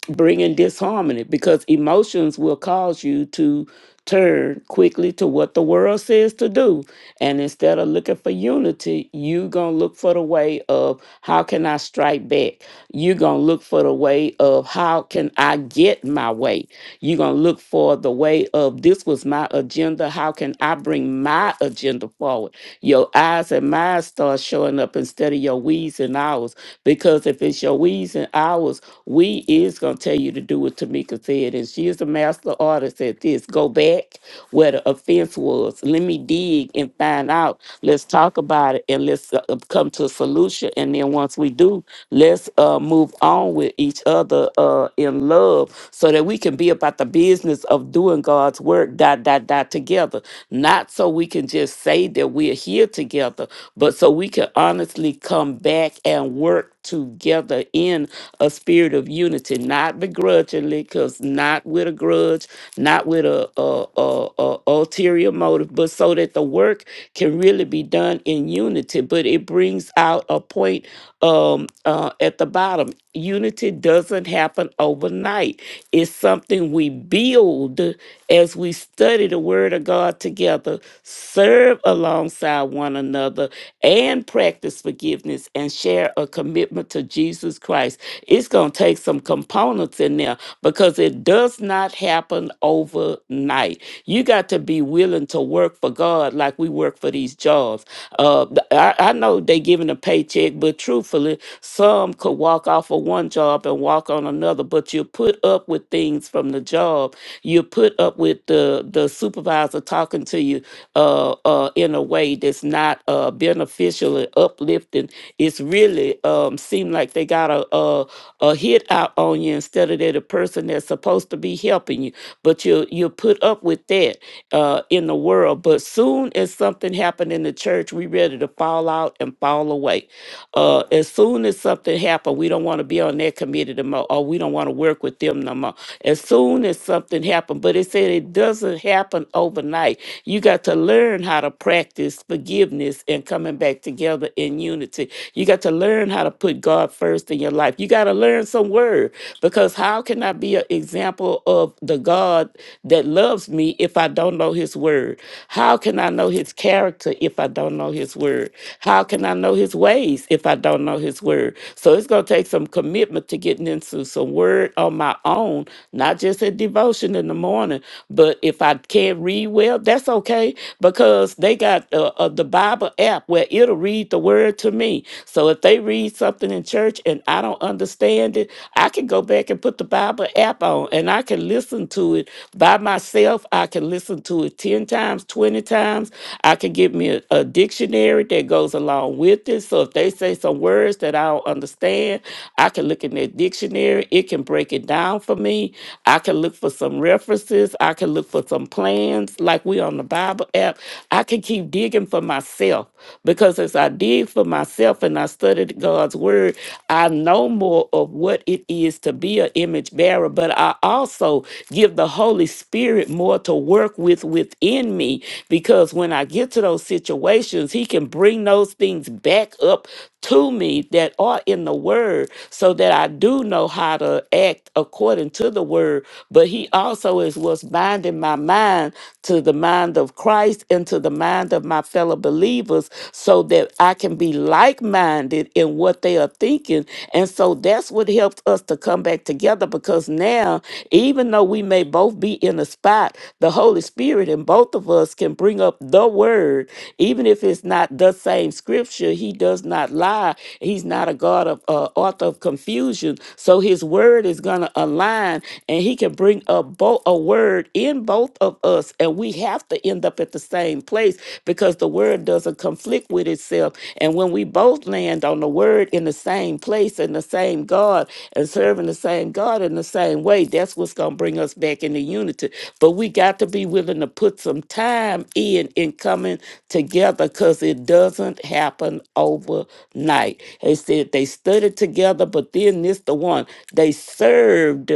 [SPEAKER 4] bringing disharmony, because emotions will cause you to turn quickly to what the world says to do. And instead of looking for unity, you going to look for the way of how can I strike back? you going to look for the way of how can I get my way? You're going to look for the way of this was my agenda. How can I bring my agenda forward? Your eyes and mine start showing up instead of your we's and ours. Because if it's your we's and ours, we is going to tell you to do what Tamika said. And she is a master artist at this. Go back where the offense was. Let me dig and find out. Let's talk about it and let's uh, uh, come to a solution. Hallelujah. And then once we do, let's uh, move on with each other uh, in love so that we can be about the business of doing God's work, dot, dot, dot, together. Not so we can just say that we're here together, but so we can honestly come back and work together in a spirit of unity, not begrudgingly, because not with a grudge, not with a, uh, uh, uh, uh, ulterior motive, but so that the work can really be done in unity. But it brings out a point um, uh, at the bottom. Unity doesn't happen overnight. It's something we build as we study the Word of God together, serve alongside one another, and practice forgiveness and share a commitment to Jesus. Jesus Christ, it's going to take some components in there because it does not happen overnight. You got to be willing to work for God like we work for these jobs. Uh, th- I, I know they giving a paycheck, but truthfully, some could walk off of one job and walk on another. But you put up with things from the job. You put up with the the supervisor talking to you uh, uh, in a way that's not uh, beneficial and uplifting. It's really um, seem like they got a, a a hit out on you instead of that the person that's supposed to be helping you, but you you put up with that uh, in the world. But soon as something happened in the church, we ready to fall out and fall away. Uh, as soon as something happened, we don't want to be on that committee no more, or we don't want to work with them no more. As soon as something happened, but it said it doesn't happen overnight. You got to learn how to practice forgiveness and coming back together in unity. You got to learn how to put God first in your life. You got to learn some word because how can I be an example of the God? God that loves me if I don't know his word? How can I know his character if I don't know his word? How can I know his ways if I don't know his word? So it's going to take some commitment to getting into some word on my own, not just a devotion in the morning, but if I can't read well, that's okay because they got uh, uh, the Bible app where it'll read the word to me. So if they read something in church and I don't understand it, I can go back and put the Bible. Bible app on and I can listen to it by myself. I can listen to it 10 times, 20 times. I can get me a, a dictionary that goes along with it. So if they say some words that I don't understand, I can look in that dictionary. It can break it down for me. I can look for some references. I can look for some plans like we on the Bible app. I can keep digging for myself because as I dig for myself and I studied God's word, I know more example of what it is to be an image bearer, but I also give the Holy Spirit more to work with within me because when I get to those situations, He can bring those things back up to me that are in the Word so that I do know how to act according to the Word. But He also is what's binding my mind to the mind of Christ and to the mind of my fellow believers so that I can be like minded in and what they are thinking. And so that's what helps us to come back together because now, even though we may both be in a spot, the Holy Spirit and both of us can bring up the word, even if it's not the same scripture. He does not lie. He's not a God of uh, author of confusion. So his word is going to align and he can bring up both a word in both of us. And we have to end up at the same place because the word doesn't conflict with itself ourselves. And when we both land on the word in the same place and the same God and serving the same God in the same way, that's what's going to bring us back into unity. But we got to be willing to put some time in in coming together because it doesn't happen overnight. They said they studied together, but then this the one they served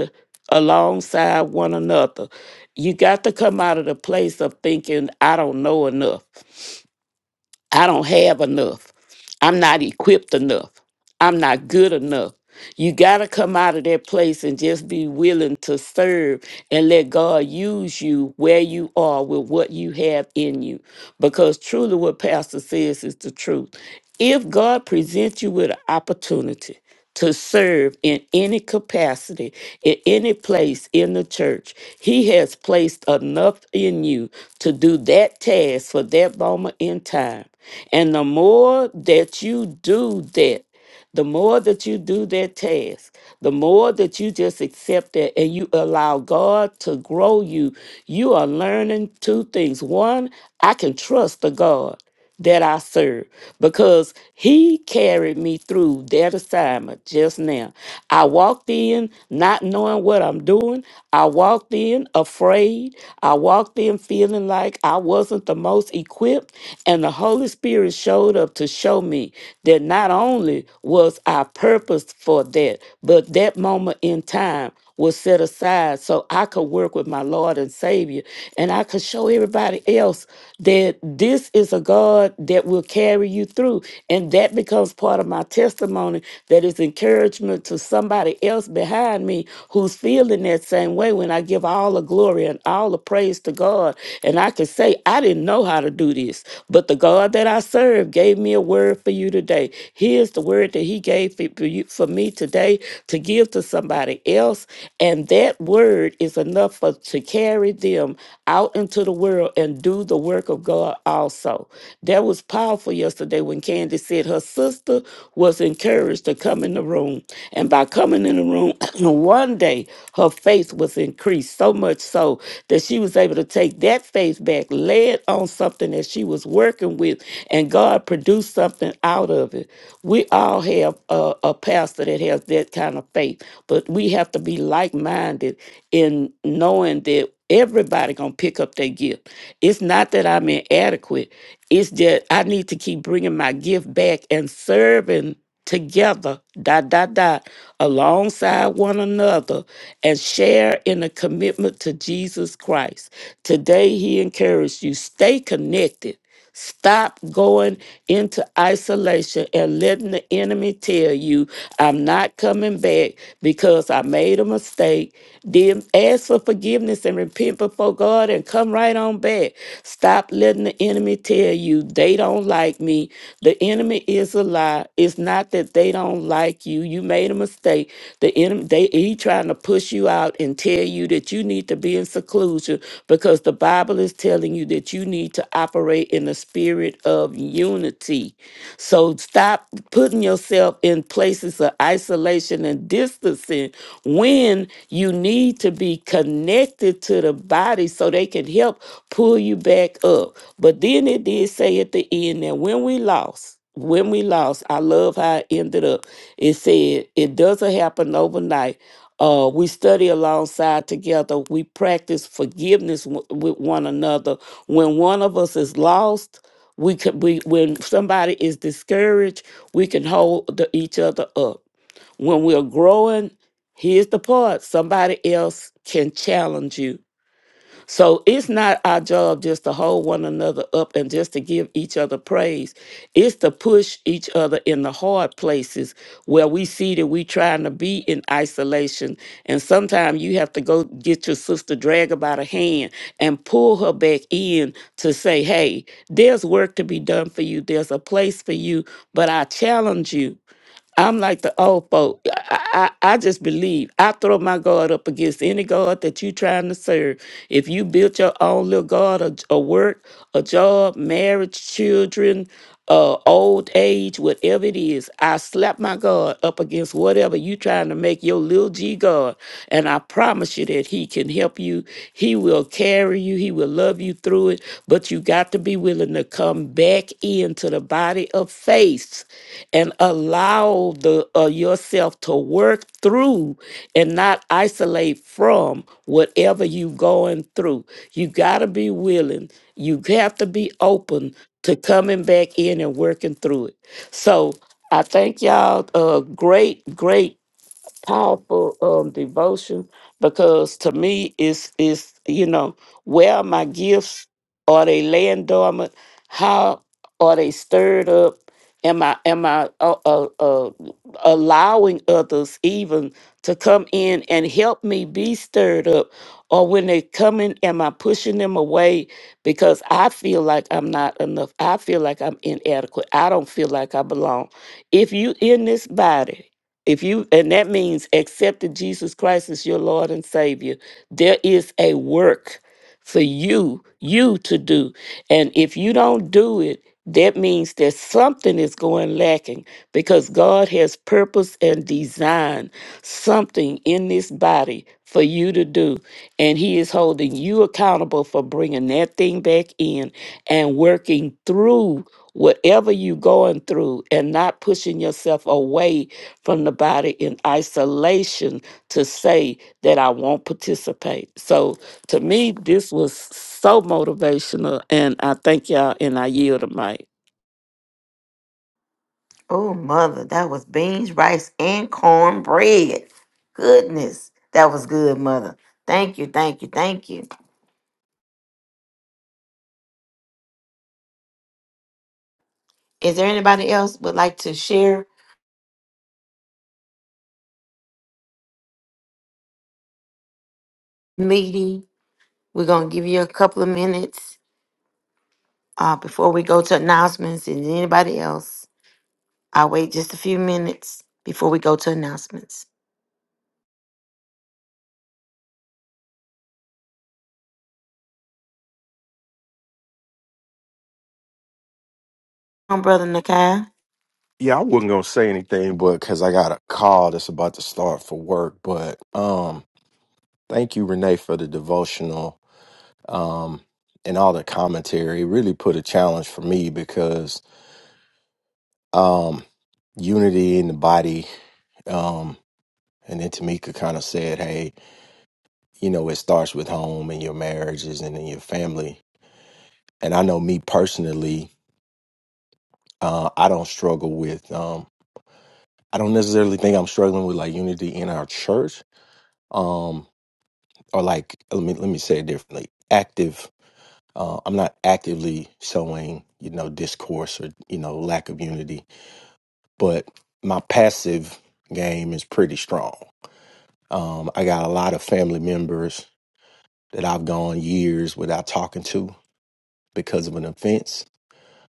[SPEAKER 4] alongside one another. You got to come out of the place of thinking, I don't know enough. I don't have enough. I'm not equipped enough. I'm not good enough. You got to come out of that place and just be willing to serve and let God use you where you are with what you have in you. Because truly, what Pastor says is the truth. If God presents you with an opportunity to serve in any capacity, in any place in the church, He has placed enough in you to do that task for that moment in time. And the more that you do that, the more that you do that task, the more that you just accept that and you allow God to grow you, you are learning two things. One, I can trust the God that I serve because he carried me through that assignment just now. I walked in not knowing what I'm doing. I walked in afraid. I walked in feeling like I wasn't the most equipped and the Holy Spirit showed up to show show me that not only was I purposed for that, but that moment in time was set aside so I could work with my Lord and Savior and I could show everybody else that this is a God that will carry you through. And that becomes part of my testimony that is encouragement to somebody else behind me who's feeling that same way when I give all the glory and all the praise to God. And I can say, I didn't know how to do this, but but the God that I serve gave me a word for you today. Here's the word that He gave for, for you, for me today to give to somebody else. And that word is enough for to carry them out into the world and do the work of God also. That was powerful yesterday when Candy said her sister was encouraged to come in the room. And by coming in the room, one day her faith was increased so much so that she was able to take that faith back led on something that she was working with, and God produced something out of it. We all have a, a pastor that has that kind of faith, but we have to be like minded in knowing that everybody gonna pick up their gift. It's not that I'm inadequate. It's that I need to keep bringing my gift back and serving together, dot, dot, dot, alongside one another and share in a commitment to Jesus Christ. Today, he encouraged you stay connected. Stop going into isolation and letting the enemy tell you, I'm not coming back because I made a mistake. Then ask for forgiveness forgiveness and repent before God and come right on back. Stop letting the enemy tell you they don't like me. The enemy is a lie. It's not that they don't like you. You made a mistake. The enemy they he trying to push you out and tell you that you need to be in seclusion because the Bible is telling you that you need to operate in the spirit of community. So stop putting yourself in places of isolation and distancing when you need to be connected to the body so they can help pull you back up. But then it did say at the end that when we lost, when we lost, I love how it ended up. It said it doesn't happen overnight. Uh, we study alongside together. We practice forgiveness w- with one another. When one of us is lost, we can we when somebody is discouraged we can hold the, each other up when we're growing here's the part somebody else can challenge you so it's not our job just to hold one another up and just to give each other praise. It's to push each other in the hard places where we see that we trying to be in isolation. And sometimes you have to go get your sister, drag her by the hand, and pull her back in to say, hey, there's work to be done for you. There's a place for you. But I challenge you. I'm like the old folk. I, I, I just believe. I throw my guard up against any guard that you trying to serve. If you built your own little guard, a, a work, a job, marriage, children, uh, old age, whatever it is, I slap my guard up against whatever you trying to make your little G guard. And I promise you that he can help you. He will carry you. He will love you through it. But you got to be willing to come back into the body of faith and allow the uh, yourself to work through and not isolate from whatever you going through. You got to be willing. You have to be open to coming back in and working through it. So I thank y'all. Uh, great, great powerful um devotion because to me it's is you know where are my gifts are they laying dormant how are they stirred up am i am i uh, uh, uh, allowing others even to come in and help me be stirred up or when they come in am i pushing them away because i feel like i'm not enough i feel like i'm inadequate i don't feel like i belong if you in this body if you and that means accepted Jesus Christ as your Lord and Savior, there is a work for you, you to do. And if you don't do it, that means that something is going lacking because God has purpose and design something in this body for you to do. And He is holding you accountable for bringing that thing back in and working through whatever you're going through and not pushing yourself away from the body in isolation to say that I won't participate. So, to me, this was so motivational, and I thank y'all, and I yield the mic.
[SPEAKER 1] Oh, mother, that was beans, rice, and cornbread. Goodness, that was good, mother. Thank you, thank you, thank you. Is there anybody else would like to share meeting? We're gonna give you a couple of minutes uh, before we go to announcements. And anybody else, I'll wait just a few minutes before we go to announcements. Come on, brother Nakai.
[SPEAKER 5] Yeah, I wasn't gonna say anything, but because I got a call that's about to start for work. But um, thank you, Renee, for the devotional um and all the commentary. It really put a challenge for me because um, unity in the body. Um, and then Tamika kind of said, "Hey, you know, it starts with home and your marriages and in your family." And I know me personally, uh, I don't struggle with. Um, I don't necessarily think I'm struggling with like unity in our church. Um, or like uh, let me let me say it differently active uh, i'm not actively showing you know discourse or you know lack of unity but my passive game is pretty strong um, i got a lot of family members that i've gone years without talking to because of an offense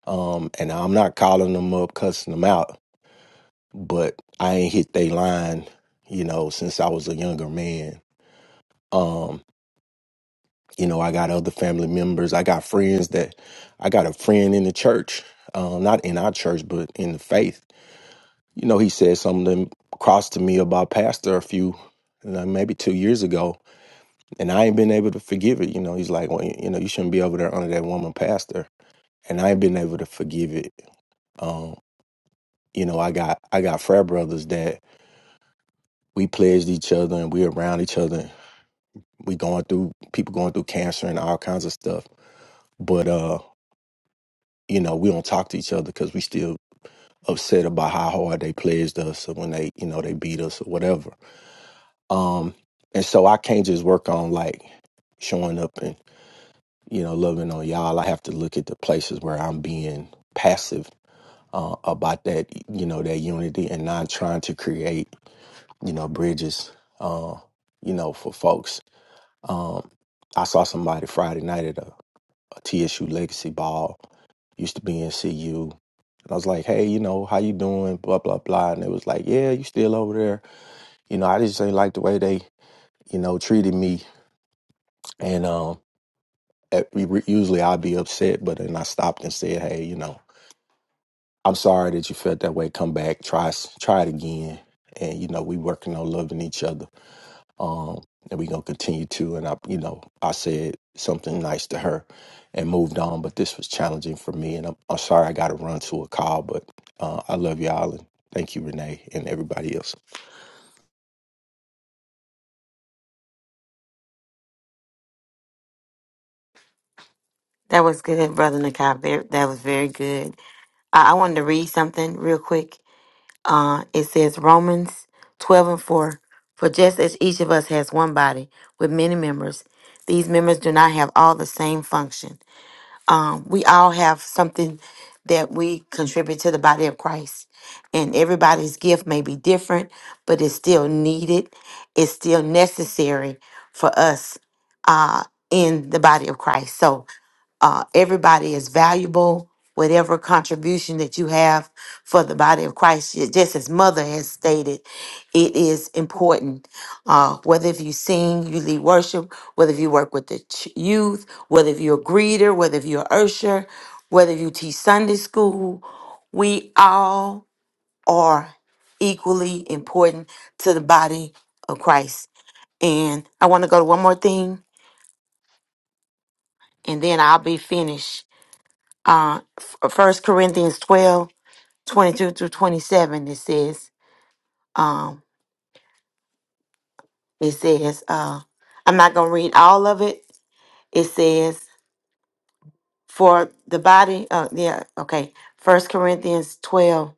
[SPEAKER 5] um, and i'm not calling them up cussing them out but i ain't hit they line you know since i was a younger man Um, You know, I got other family members. I got friends that I got a friend in the church, uh, not in our church, but in the faith. You know, he said something crossed to me about pastor a few, you know, maybe two years ago, and I ain't been able to forgive it. You know, he's like, well, you know, you shouldn't be over there under that woman pastor, and I ain't been able to forgive it. Um, you know, I got I got frat brothers that we pledged each other and we around each other. We going through people going through cancer and all kinds of stuff, but uh you know, we don't talk to each other because we still upset about how hard they pledged us or when they, you know, they beat us or whatever. Um, and so I can't just work on like showing up and, you know, loving on y'all. I have to look at the places where I'm being passive uh, about that, you know, that unity and not trying to create, you know, bridges, uh, you know, for folks. Um, I saw somebody Friday night at a, a TSU Legacy Ball, used to be in CU, And I was like, hey, you know, how you doing? Blah, blah, blah. And it was like, yeah, you still over there. You know, I just ain't like the way they, you know, treated me. And um, at, usually I'd be upset, but then I stopped and said, hey, you know, I'm sorry that you felt that way. Come back, try, s- try it again. And, you know, we working on loving each other um, and we're gonna continue to. And I, you know, I said something nice to her, and moved on. But this was challenging for me, and I'm, I'm sorry I got to run to a call. But uh, I love y'all, and thank you, Renee, and everybody else.
[SPEAKER 1] That was good, brother Nakai. Very, that was very good. I, I wanted to read something real quick. uh, it says Romans 12 and 4. For just as each of us has one body with many members, these members do not have all the same function. Um, we all have something that we contribute to the body of Christ. And everybody's gift may be different, but it's still needed. It's still necessary for us uh, in the body of Christ. So uh, everybody is valuable. Whatever contribution that you have for the body of Christ, ju- just as Mother has stated, it is important. Uh, whether if you sing, you lead worship, whether if you work with the ch- youth, whether if you're a greeter, whether if you're an usher, whether if you teach Sunday school, we all are equally important to the body of Christ. And I want to go to one more thing and then I'll be finished. uh first corinthians twelve twenty two 22 through 27 it says um it says uh i'm not gonna read all of it it says for the body uh yeah okay first corinthians 12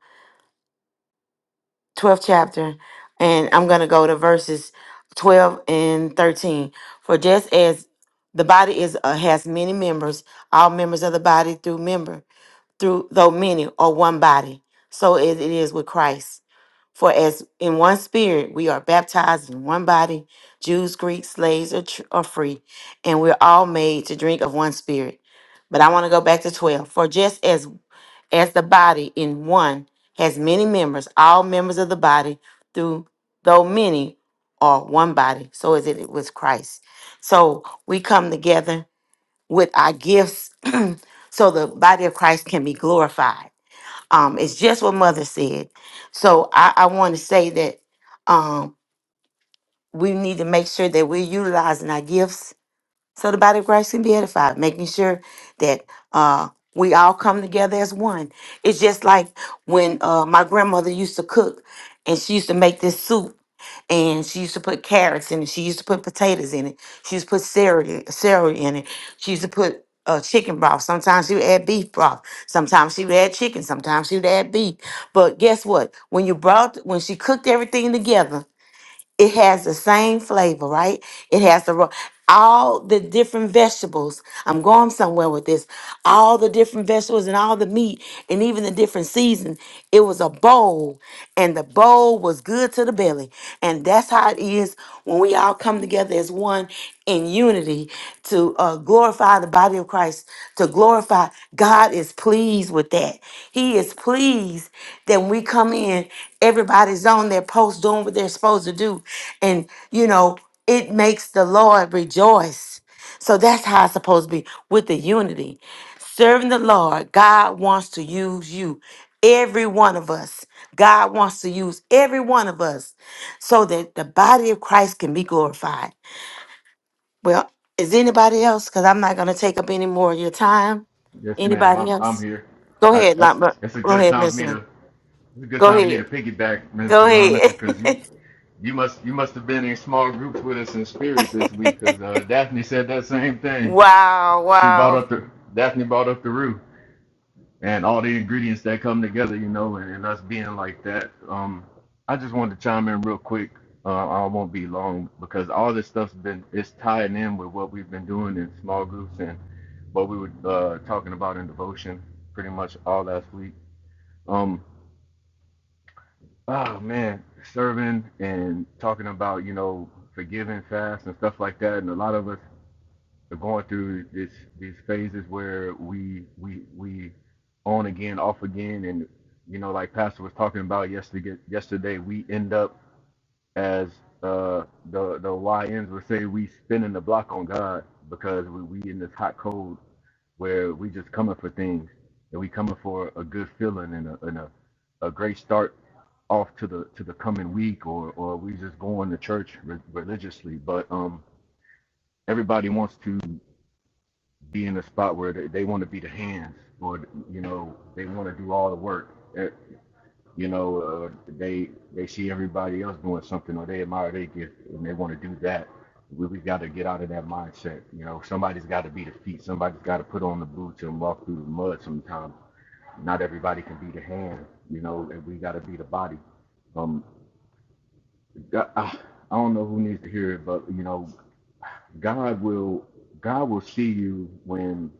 [SPEAKER 1] twelfth chapter and i'm gonna go to verses 12 and 13 for just as the body is uh, has many members all members of the body through member through though many are one body, so as it is with Christ. For as in one spirit we are baptized in one body, Jews, Greeks, slaves, or, tr- or free, and we're all made to drink of one spirit. But I want to go back to 12. For just as as the body in one has many members, all members of the body, through though many are one body, so is it with Christ. So we come together with our gifts so the body of Christ can be glorified. Um, it's just what Mother said. So I, I want to say that um, we need to make sure that we're utilizing our gifts so the body of Christ can be edified, making sure that uh, we all come together as one. It's just like when uh, my grandmother used to cook, and she used to make this soup, and she used to put carrots in it, she used to put potatoes in it, she used to put celery, celery in it, she used to put uh, chicken broth. Sometimes she would add beef broth. Sometimes she would add chicken. Sometimes she would add beef. But guess what? When you brought, when she cooked everything together, it has the same flavor, right? It has the ro- all the different vegetables. I'm going somewhere with this. All the different vegetables and all the meat and even the different season. It was a bowl, and the bowl was good to the belly. And that's how it is when we all come together together as one in unity to uh, glorify the body of Christ, to glorify God is pleased with that. He is pleased that when we come in, everybody's on their post doing what they're supposed to do. And, you know, it makes the Lord rejoice. So that's how it's supposed to be with the unity. Serving the Lord, God wants to use you, every one of us. God wants to use every one of us so that the body of Christ can be glorified. Well, is anybody else? Because I'm not going to take up any more of your time.
[SPEAKER 6] Yes, ma'am.
[SPEAKER 1] Anybody
[SPEAKER 6] I'm I'm
[SPEAKER 1] else?
[SPEAKER 6] here.
[SPEAKER 1] Go
[SPEAKER 6] I
[SPEAKER 1] ahead,
[SPEAKER 6] that's
[SPEAKER 1] Lamba.
[SPEAKER 6] it's a
[SPEAKER 1] Go
[SPEAKER 6] good
[SPEAKER 1] ahead,
[SPEAKER 6] time for
[SPEAKER 1] Miss
[SPEAKER 6] me to
[SPEAKER 1] Lynn.
[SPEAKER 6] it's a good
[SPEAKER 1] Go
[SPEAKER 6] time for me to
[SPEAKER 1] ahead.
[SPEAKER 6] piggyback, Miss
[SPEAKER 1] Go
[SPEAKER 6] Veronica,
[SPEAKER 1] ahead.
[SPEAKER 6] because you you must you must have been in small groups with us in spirit this week, because uh, Daphne said that same thing.
[SPEAKER 1] wow,
[SPEAKER 6] She brought
[SPEAKER 1] wow.
[SPEAKER 6] up the Daphne brought up the roux and all the ingredients that come together, you know, and, and us being like that. Um, I just wanted to chime in real quick. Uh, I won't be long because all this stuff's been it's tied in with what we've been doing in small groups and what we were uh, talking about in devotion pretty much all last week. Um, oh man, serving and talking about you know forgiving fast and stuff like that, and a lot of us are going through this these phases where we we we on again, off again, and you know like Pastor was talking about yesterday. Yesterday we end up as uh, the the YNs would say we spinning the block on God because we, we in this hot cold where we just coming for things and we coming for a good feeling and a and a, a great start off to the to the coming week or or we just going to church re- religiously but um everybody wants to be in a spot where they, they want to be the hands or you know they want to do all the work Eh, you know uh, they they see everybody else doing something or they admire their gift and they want to do that we, we got to get out of that mindset you know somebody's got to be the feet somebody's got to put on the boots and walk through the mud sometimes not everybody can be the hand, you know, and we got to be the body. Um, I, I don't know who needs to hear it, but you know, God will God will see you when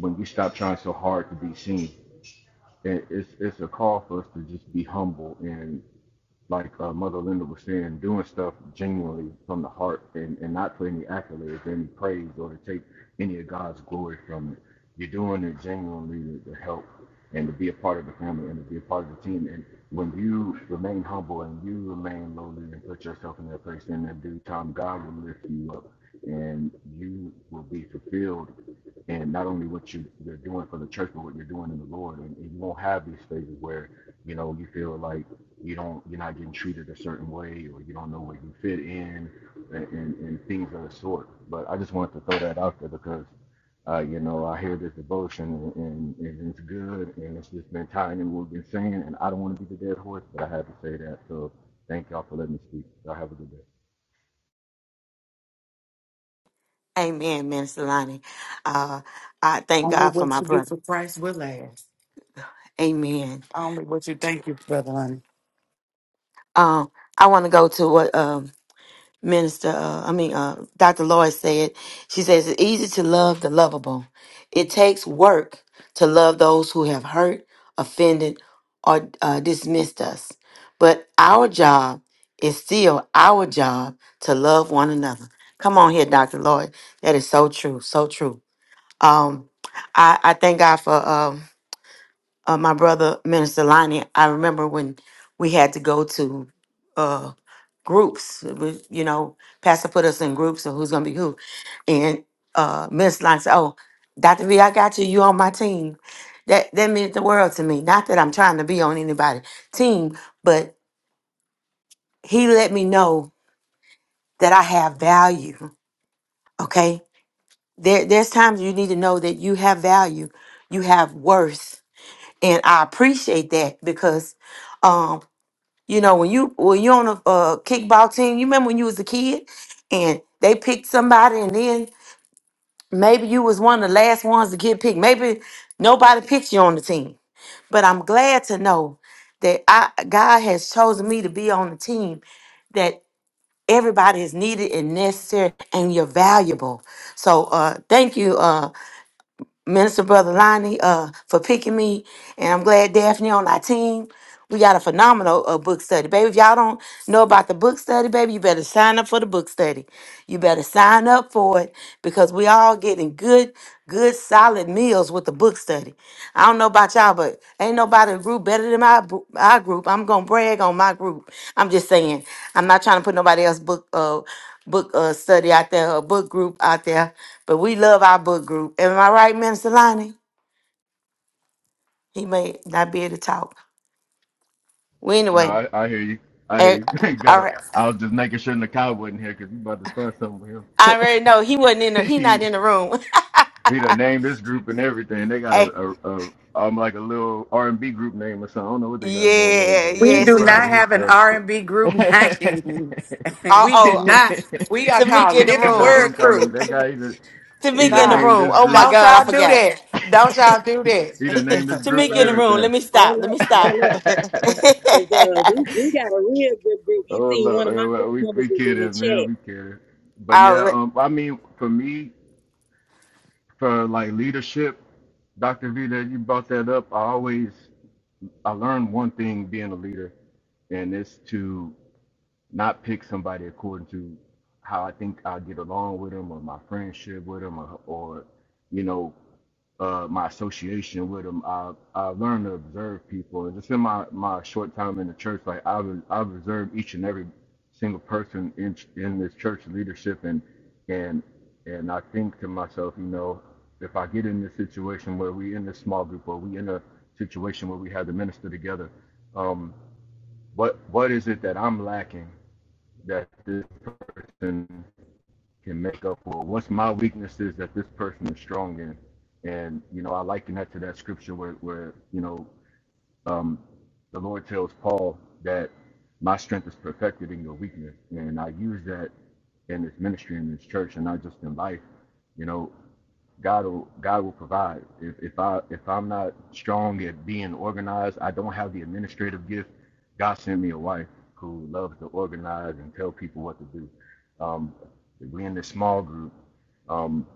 [SPEAKER 6] when you stop trying so hard to be seen. And it's it's a call for us to just be humble and. like uh, Mother Linda was saying, doing stuff genuinely from the heart and, and not for any accolades, any praise, or to take any of God's glory from it. You're doing it genuinely to help and to be a part of the family and to be a part of the team. And when you remain humble and you remain lowly and put yourself in that place, in that due time, God will lift you up and you will be fulfilled and not only what you, you're doing for the church, but what you're doing in the Lord. And, and you won't have these phases where, you know, you feel like you don't, you're not getting treated a certain way or you don't know where you fit in and, and, and things of the sort. But I just wanted to throw that out there because, uh, you know, I hear this devotion and, and, and it's good and it's just been tied in what we've been saying. And I don't want to be the dead horse, but I have to say that. So thank y'all for letting me speak. Y'all have a good day.
[SPEAKER 1] Amen, Minister Lonnie. Uh, I thank
[SPEAKER 3] Only
[SPEAKER 1] God for
[SPEAKER 3] what
[SPEAKER 1] my
[SPEAKER 3] you do
[SPEAKER 1] brother.
[SPEAKER 3] for Christ will last.
[SPEAKER 1] Amen.
[SPEAKER 3] Only what you thank you, brother. Lonnie.
[SPEAKER 1] Um, I want to go to what um Minister, uh, I mean, uh, Dr. Lloyd said, she says, it's easy to love the lovable. It takes work to love those who have hurt, offended, or uh, dismissed us. But our job is still our job to love one another. Come on here, Dr. Lloyd. That is so true, so true. Um, I, I thank God for um, uh, my brother, Minister Lonnie. I remember when we had to go to uh, groups. It was, you know, Pastor put us in groups of who's gonna be who. And uh Miss Lon said, Oh, Dr. V, I got you, you on my team. That that meant the world to me. Not that I'm trying to be on anybody's team, but he let me know that I have value. Okay. There there's times you need to know that you have value, you have worth. And I appreciate that because um. You know, when you when you on a uh, kickball team, you remember when you was a kid and they picked somebody, and then maybe you was one of the last ones to get picked. Maybe nobody picked you on the team, but I'm glad to know that I God has chosen me to be on the team that everybody is needed and necessary, and you're valuable. So, uh, thank you. uh, Minister Brother Lonnie uh, for picking me, and I'm glad Daphne on our team. We got a phenomenal uh, book study, baby. If y'all don't know about the book study, baby, you better sign up for the book study. You better sign up for it because we all getting good, good, solid meals with the book study. I don't know about y'all, but ain't nobody group better than my bro- our group. I'm gonna brag on my group. I'm just saying. I'm not trying to put nobody else book uh book uh study out there or book group out there, but we love our book group. Am I right, Minister Lonnie? He may not be able to talk. Well,
[SPEAKER 6] No,
[SPEAKER 1] anyway,
[SPEAKER 6] I, I hear you. I hear
[SPEAKER 1] eh,
[SPEAKER 6] you. Got
[SPEAKER 1] all
[SPEAKER 6] to
[SPEAKER 1] right.
[SPEAKER 6] I was just making sure Nakai wasn't here because you about to start something
[SPEAKER 1] I
[SPEAKER 6] with
[SPEAKER 1] already know he wasn't in the.
[SPEAKER 6] him.
[SPEAKER 1] He not
[SPEAKER 6] he
[SPEAKER 1] in the room.
[SPEAKER 6] he done named this group and everything. They got
[SPEAKER 1] Eh,
[SPEAKER 6] a, a, a um like a little R and B group name or something. I don't know what they got going on,
[SPEAKER 1] yeah.
[SPEAKER 6] but
[SPEAKER 3] We
[SPEAKER 6] he
[SPEAKER 1] Yes.
[SPEAKER 3] do
[SPEAKER 1] and-
[SPEAKER 3] not
[SPEAKER 6] proud of his
[SPEAKER 3] have an
[SPEAKER 6] stuff.
[SPEAKER 3] R and B group name. we do
[SPEAKER 1] Oh. Oh.
[SPEAKER 3] not. We are
[SPEAKER 1] Tamika
[SPEAKER 3] called
[SPEAKER 1] in the
[SPEAKER 6] he
[SPEAKER 3] Living
[SPEAKER 6] got
[SPEAKER 1] room.
[SPEAKER 3] Word
[SPEAKER 6] some kind
[SPEAKER 3] Crew.
[SPEAKER 6] of they got either
[SPEAKER 1] Tamika
[SPEAKER 6] either
[SPEAKER 1] in the
[SPEAKER 3] Nah.
[SPEAKER 6] named
[SPEAKER 1] room.
[SPEAKER 6] this
[SPEAKER 1] Oh my
[SPEAKER 6] group,
[SPEAKER 3] Don't
[SPEAKER 1] God, I
[SPEAKER 3] y'all do
[SPEAKER 1] forgot.
[SPEAKER 3] that. Don't y'all do
[SPEAKER 6] either named this
[SPEAKER 3] that.
[SPEAKER 2] there.
[SPEAKER 6] group
[SPEAKER 2] hold
[SPEAKER 1] Tamika
[SPEAKER 6] and
[SPEAKER 1] in the
[SPEAKER 2] on
[SPEAKER 1] room. Let
[SPEAKER 6] everything.
[SPEAKER 1] me stop.
[SPEAKER 2] hold
[SPEAKER 1] Let me
[SPEAKER 2] up
[SPEAKER 1] stop.
[SPEAKER 2] hold up because uh, we, we got a real good group you
[SPEAKER 6] Oh
[SPEAKER 2] see
[SPEAKER 6] look,
[SPEAKER 2] one of my
[SPEAKER 6] man,
[SPEAKER 2] group
[SPEAKER 6] well, we
[SPEAKER 2] members
[SPEAKER 6] we
[SPEAKER 2] is
[SPEAKER 6] get
[SPEAKER 2] in the
[SPEAKER 6] it,
[SPEAKER 2] chat
[SPEAKER 6] man, we get it. But
[SPEAKER 1] Oh,
[SPEAKER 6] yeah, um, I mean, for me, for like leadership, Dr. V, that you brought that up, I always I learned one thing being a leader, and it's to not pick somebody according to how I think I get along with them or my friendship with them or, or you know uh, my association with them, I I learned to observe people, and just in my, my short time in the church, like I've I've observed each and every single person in in this church leadership, and and and I think to myself, you know, if I get in this situation where we in this small group or we in a situation where we have to minister together, um, what what is it that I'm lacking that this person can make up for? What's my weaknesses that this person is strong in? And you know, I liken that to that scripture where, where you know, um, the Lord tells Paul that my strength is perfected in your weakness, and I use that in this ministry, in this church, and not just in life. You know, God will God will provide. If if I if I'm not strong at being organized, I don't have the administrative gift. God sent me a wife who loves to organize and tell people what to do. Um, we in this small group um,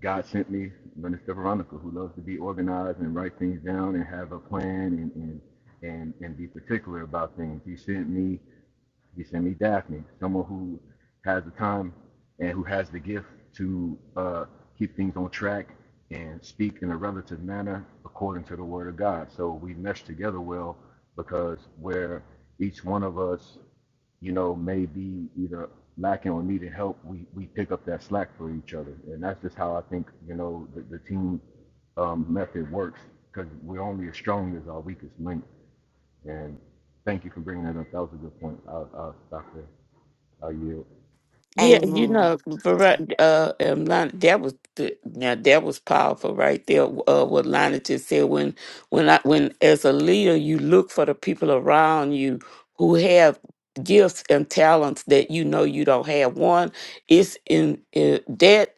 [SPEAKER 6] God sent me Minister Veronica, who loves to be organized and write things down and have a plan and and and, and be particular about things. He sent me he sent me Daphne, someone who has the time and who has the gift to uh, keep things on track and speak in a relative manner according to the Word of God. So we mesh together well because where each one of us you know, may be either lacking or needing help, we, we pick up that slack for each other. And that's just how I think, you know, the, the team um, method works because we're only as strong as our weakest link. And thank you for bringing that up. That was a good point. I'll, I'll stop there. I'll yield.
[SPEAKER 4] Yeah, you
[SPEAKER 1] Amen.
[SPEAKER 4] know, Ver- uh, um, Lon- that was the, now that was powerful right there. Uh, what Lana just said when when I when as a leader, you look for the people around you who have gifts and talents that you know you don't have. One, it's in, in that.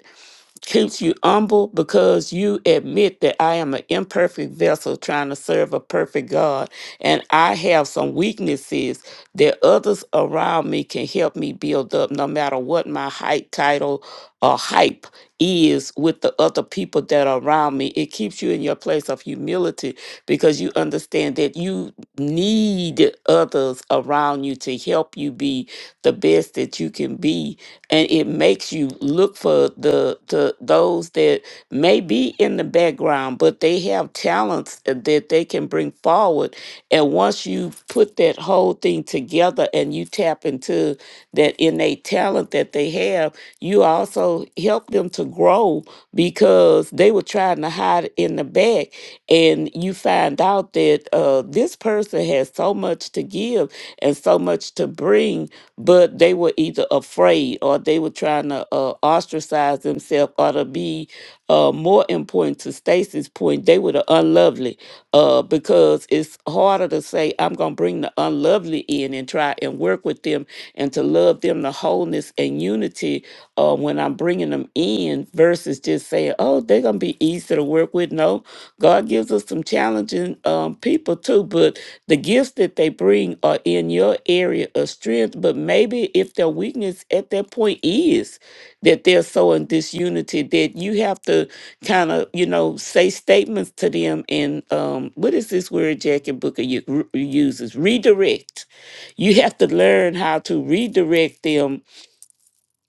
[SPEAKER 4] keeps you humble because you admit that I am an imperfect vessel trying to serve a perfect God. And I have some weaknesses that others around me can help me build up, no matter what my height, title, or hype is with the other people that are around me. It keeps you in your place of humility because you understand that you need others around you to help you be the best that you can be and it makes you look for the, the those that may be in the background but they have talents that they can bring forward and once you put that whole thing together and you tap into that innate talent that they have you also help them to grow because they were trying to hide it in the back and you find out that uh, this person has so much to give and so much to bring, but they were either afraid or they were trying to uh, ostracize themselves or to be uh, more important to Stacy's point, they were the unlovely uh, because it's harder to say, I'm going to bring the unlovely in and try and work with them and to love them to wholeness and unity uh, when when I'm bringing them in versus just saying, oh, they're going to be easy to work with. No, God gives us some challenging um, people too, but the gifts that they bring are in your area of strength. But maybe if their weakness at that point is that they're so in disunity that you have to kind of, you know, say statements to them and um, what is this word Jackie Booker u- uses? Redirect. You have to learn how to redirect them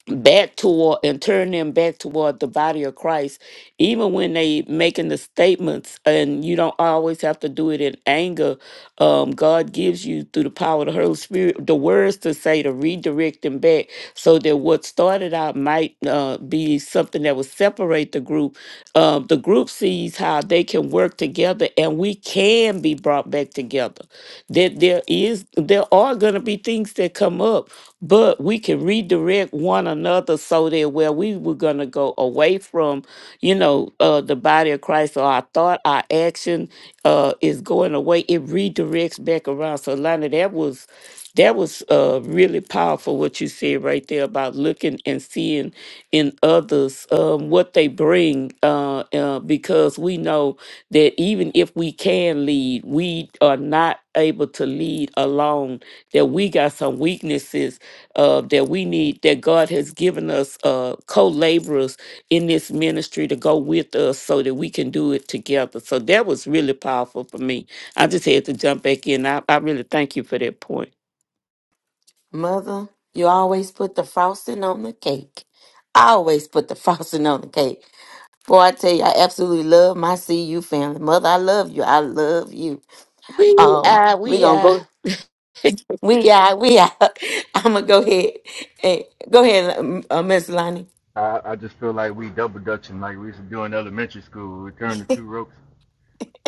[SPEAKER 4] back toward and turn them back toward the body of Christ, even when they making the statements, and you don't always have to do it in anger. Um, God gives you through the power of the Holy Spirit the words to say to redirect them back, so that what started out might uh, be something that would separate the group. Um, the group sees how they can work together, and we can be brought back together. That there is, there are going to be things that come up but we can redirect one another so that where we were going to go away from you know uh, the body of christ or our thought our action uh, is going away it redirects back around so lana that was that was uh, really powerful what you said right there about looking and seeing in others um, what they bring uh, uh, because we know that even if we can lead we are not able to lead alone that we got some weaknesses uh, that we need that God has given us uh, co-laborers in this ministry to go with us so that we can do it together. So that was really powerful for me. I just had to jump back in. I, I really thank you for that point.
[SPEAKER 1] Mother, you always put the frosting on the cake. I always put the frosting on the cake. Boy, I tell you, I absolutely love my CU family. Mother, I love you. I love you.
[SPEAKER 4] We
[SPEAKER 1] Um,
[SPEAKER 4] are,
[SPEAKER 1] we
[SPEAKER 4] we
[SPEAKER 1] gonna
[SPEAKER 4] are.
[SPEAKER 1] go. We out. We out. I'm gonna go ahead. Hey, go ahead, um, uh, Miss Lonnie.
[SPEAKER 6] I, I just feel like we double dutching like we used to do in elementary school. We turn the two ropes.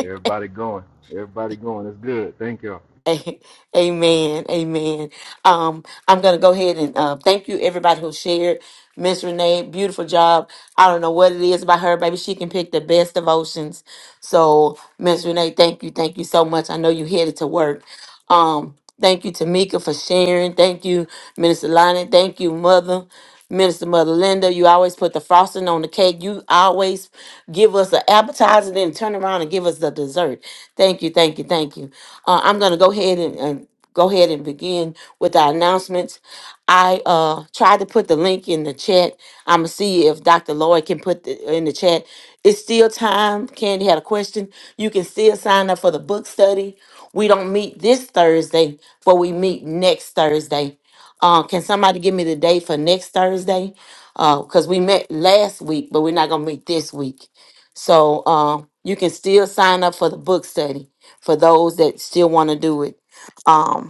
[SPEAKER 6] Everybody going. Everybody going. It's good. Thank you.
[SPEAKER 1] A- Amen. Amen. Um, I'm going to go ahead and uh, thank you, everybody who shared. Miss Renee, beautiful job. I don't know what it is about her, baby. She can pick the best devotions. So, Miss Renee, thank you, thank you so much. I know you headed to work. Um, thank you, Tamika, for sharing. Thank you, Minister Lonnie. Thank you, Mother. Minister Mother Linda, you always put the frosting on the cake. You always give us an appetizer, then turn around and give us the dessert. Thank you, thank you, thank you. Uh, I'm gonna go ahead and, and go ahead and begin with our announcements. I uh tried to put the link in the chat. I'm gonna see if Dr. Lloyd can put the, in the chat. It's still time. Candy had a question. You can still sign up for the book study. We don't meet this Thursday, but we meet next Thursday. Uh, can somebody give me the date for next Thursday? Uh, Because we met last week, but we're not gonna meet this week. So uh, you can still sign up for the book study for those that still want to do it. Um,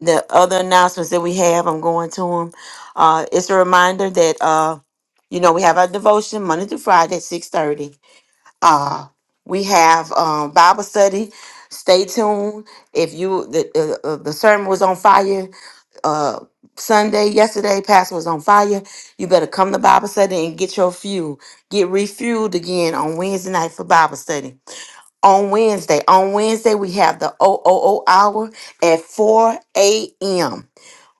[SPEAKER 1] the other announcements that we have, I'm going to them. Uh, it's a reminder that uh, you know we have our devotion Monday through Friday at six thirty. Uh, we have um, Bible study. Stay tuned. If you the uh, uh, the sermon was on fire uh, Sunday yesterday, pastor was on fire. You better come to Bible study and get your fuel. Get refueled again on Wednesday night for Bible study. On Wednesday, on Wednesday we have the O O O hour at four a.m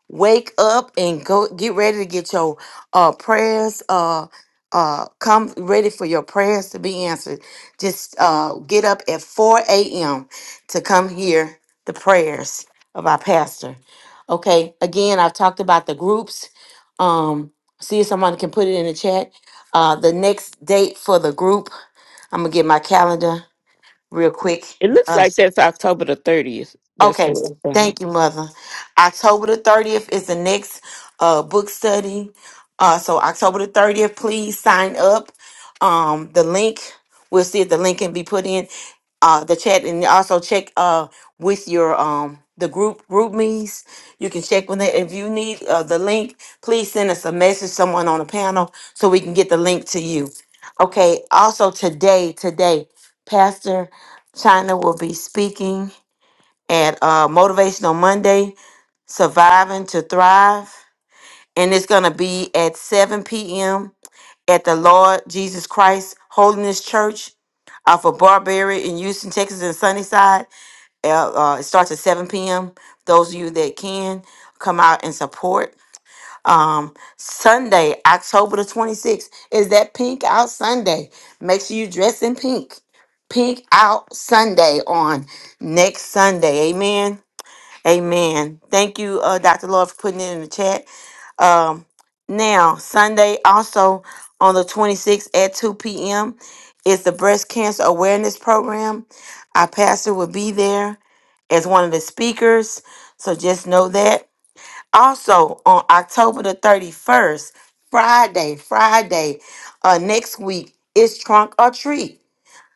[SPEAKER 1] wake up and go get ready to get your uh prayers uh uh come ready for your prayers to be answered just uh get up at 4 a.m to come hear the prayers of our pastor okay again i've talked about the groups um see if someone can put it in the chat uh the next date for the group i'm gonna get my calendar real quick
[SPEAKER 4] It looks
[SPEAKER 1] Uh,
[SPEAKER 4] like that's October the 30th. That's
[SPEAKER 1] Okay,
[SPEAKER 4] the uh-huh.
[SPEAKER 1] thank you, Mother. October the 30th is the next uh, book study. Uh, so October the 30th, please sign up. Um, the link, we'll see if the link can be put in uh, the chat, and also check uh, with your um, the group group me's. You can check with that If you need uh, the link, please send us a message, someone on the panel, so we can get the link to you. Okay. Also today, today, Pastor China will be speaking at uh, Motivational Monday, Surviving to Thrive. And it's going to be at 7 p.m. at the Lord Jesus Christ Holiness Church off of Barberry in Houston, Texas, and Sunnyside. Uh, uh, it starts at 7 p.m. Those of you that can come out and support. Um, Sunday, October the 26th, is that Pink Out Sunday. Make sure you dress in pink. Pink Out Sunday on next Sunday. Amen. Amen. Thank you, uh, Dr. Lord, for putting it in the chat. Um, now, Sunday, also on the 26th at 2 p.m., is the Breast Cancer Awareness Program. Our pastor will be there as one of the speakers, so just know that. Also, on October the 31st, Friday, Friday, uh, next week, is Trunk or Treat.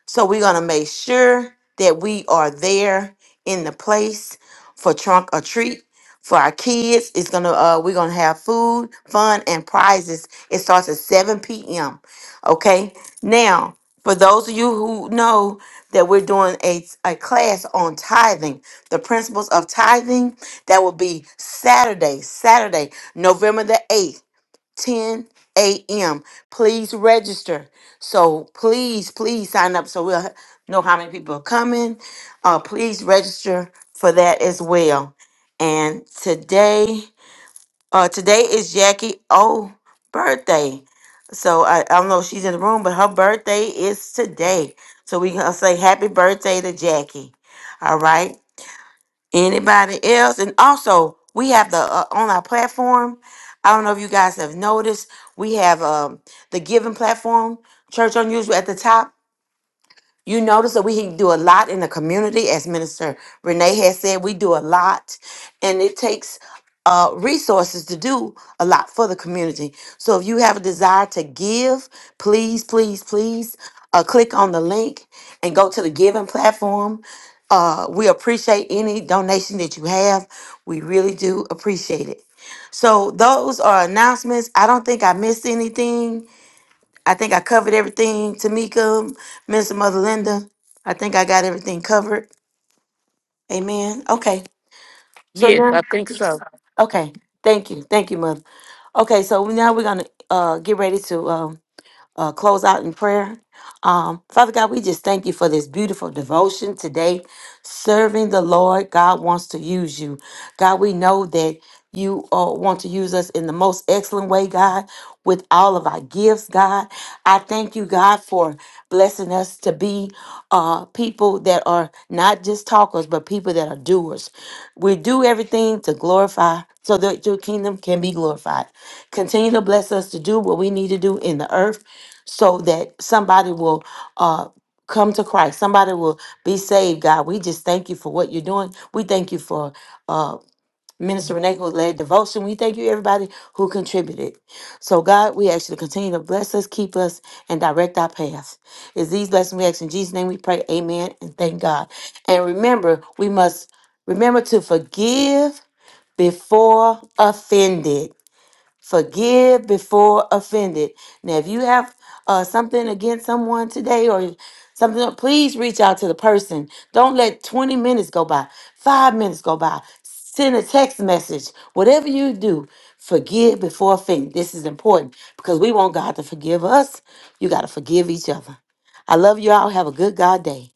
[SPEAKER 1] So we're going to make sure that we are there in the place for trunk or treat for our kids. It's going to uh we're going to have food, fun and prizes. It starts at 7 p.m. Okay? Now, for those of you who know that we're doing a, a class on tithing, the principles of tithing, that will be Saturday, Saturday, November the 8th. 10 a.m. Please register. So please, please sign up so we'll know how many people are coming. Uh, please register for that as well. And today, uh, today is Jackie O birthday. So I, I don't know if she's in the room, but her birthday is today. So we gonna say happy birthday to Jackie. All right. Anybody else? And also, we have the uh, on our platform. I don't know if you guys have noticed, we have um, the giving platform, Church Unusual, at the top. You notice that we do a lot in the community, as Minister Renee has said, we do a lot, and it takes uh, resources to do a lot for the community. So if you have a desire to give, please, please, please uh, click on the link and go to the giving platform. Uh, we appreciate any donation that you have. We really do appreciate it. So those are announcements. I don't think I missed anything. I think I covered everything, Tamika, Mr. Mother Linda. I think I got everything covered. Amen. Okay. So
[SPEAKER 4] Yes, I
[SPEAKER 1] now,
[SPEAKER 4] think so.
[SPEAKER 1] okay. Thank you. Thank you, Mother. Okay. So now we're going to uh, get ready to. uh, uh, close out in prayer. Um, Father God, we just thank you for this beautiful devotion today. Serving the Lord, God wants to use you. God, we know that you uh, want to use us in the most excellent way, God, with all of our gifts, God. I thank you, God, for blessing us to be uh, people that are not just talkers, but people that are doers. We do everything to glorify so that your kingdom can be glorified. Continue to bless us to do what we need to do in the earth so that somebody will uh come to Christ. Somebody will be saved, God. We just thank you for what you're doing. We thank you for uh Minister Renee who led devotion. We thank you everybody who contributed. So God, we ask you to continue to bless us, keep us, and direct our paths. It's these blessings we ask in Jesus' name we pray. Amen and thank God. And remember, we must remember to forgive before offended. Forgive before offended. Now, if you have uh, something against someone today or something, please reach out to the person. Don't let 20 minutes go by, five minutes go by. Send a text message. Whatever you do, forgive before offended. This is important because we want God to forgive us. You got to forgive each other. I love you all. Have a good God day.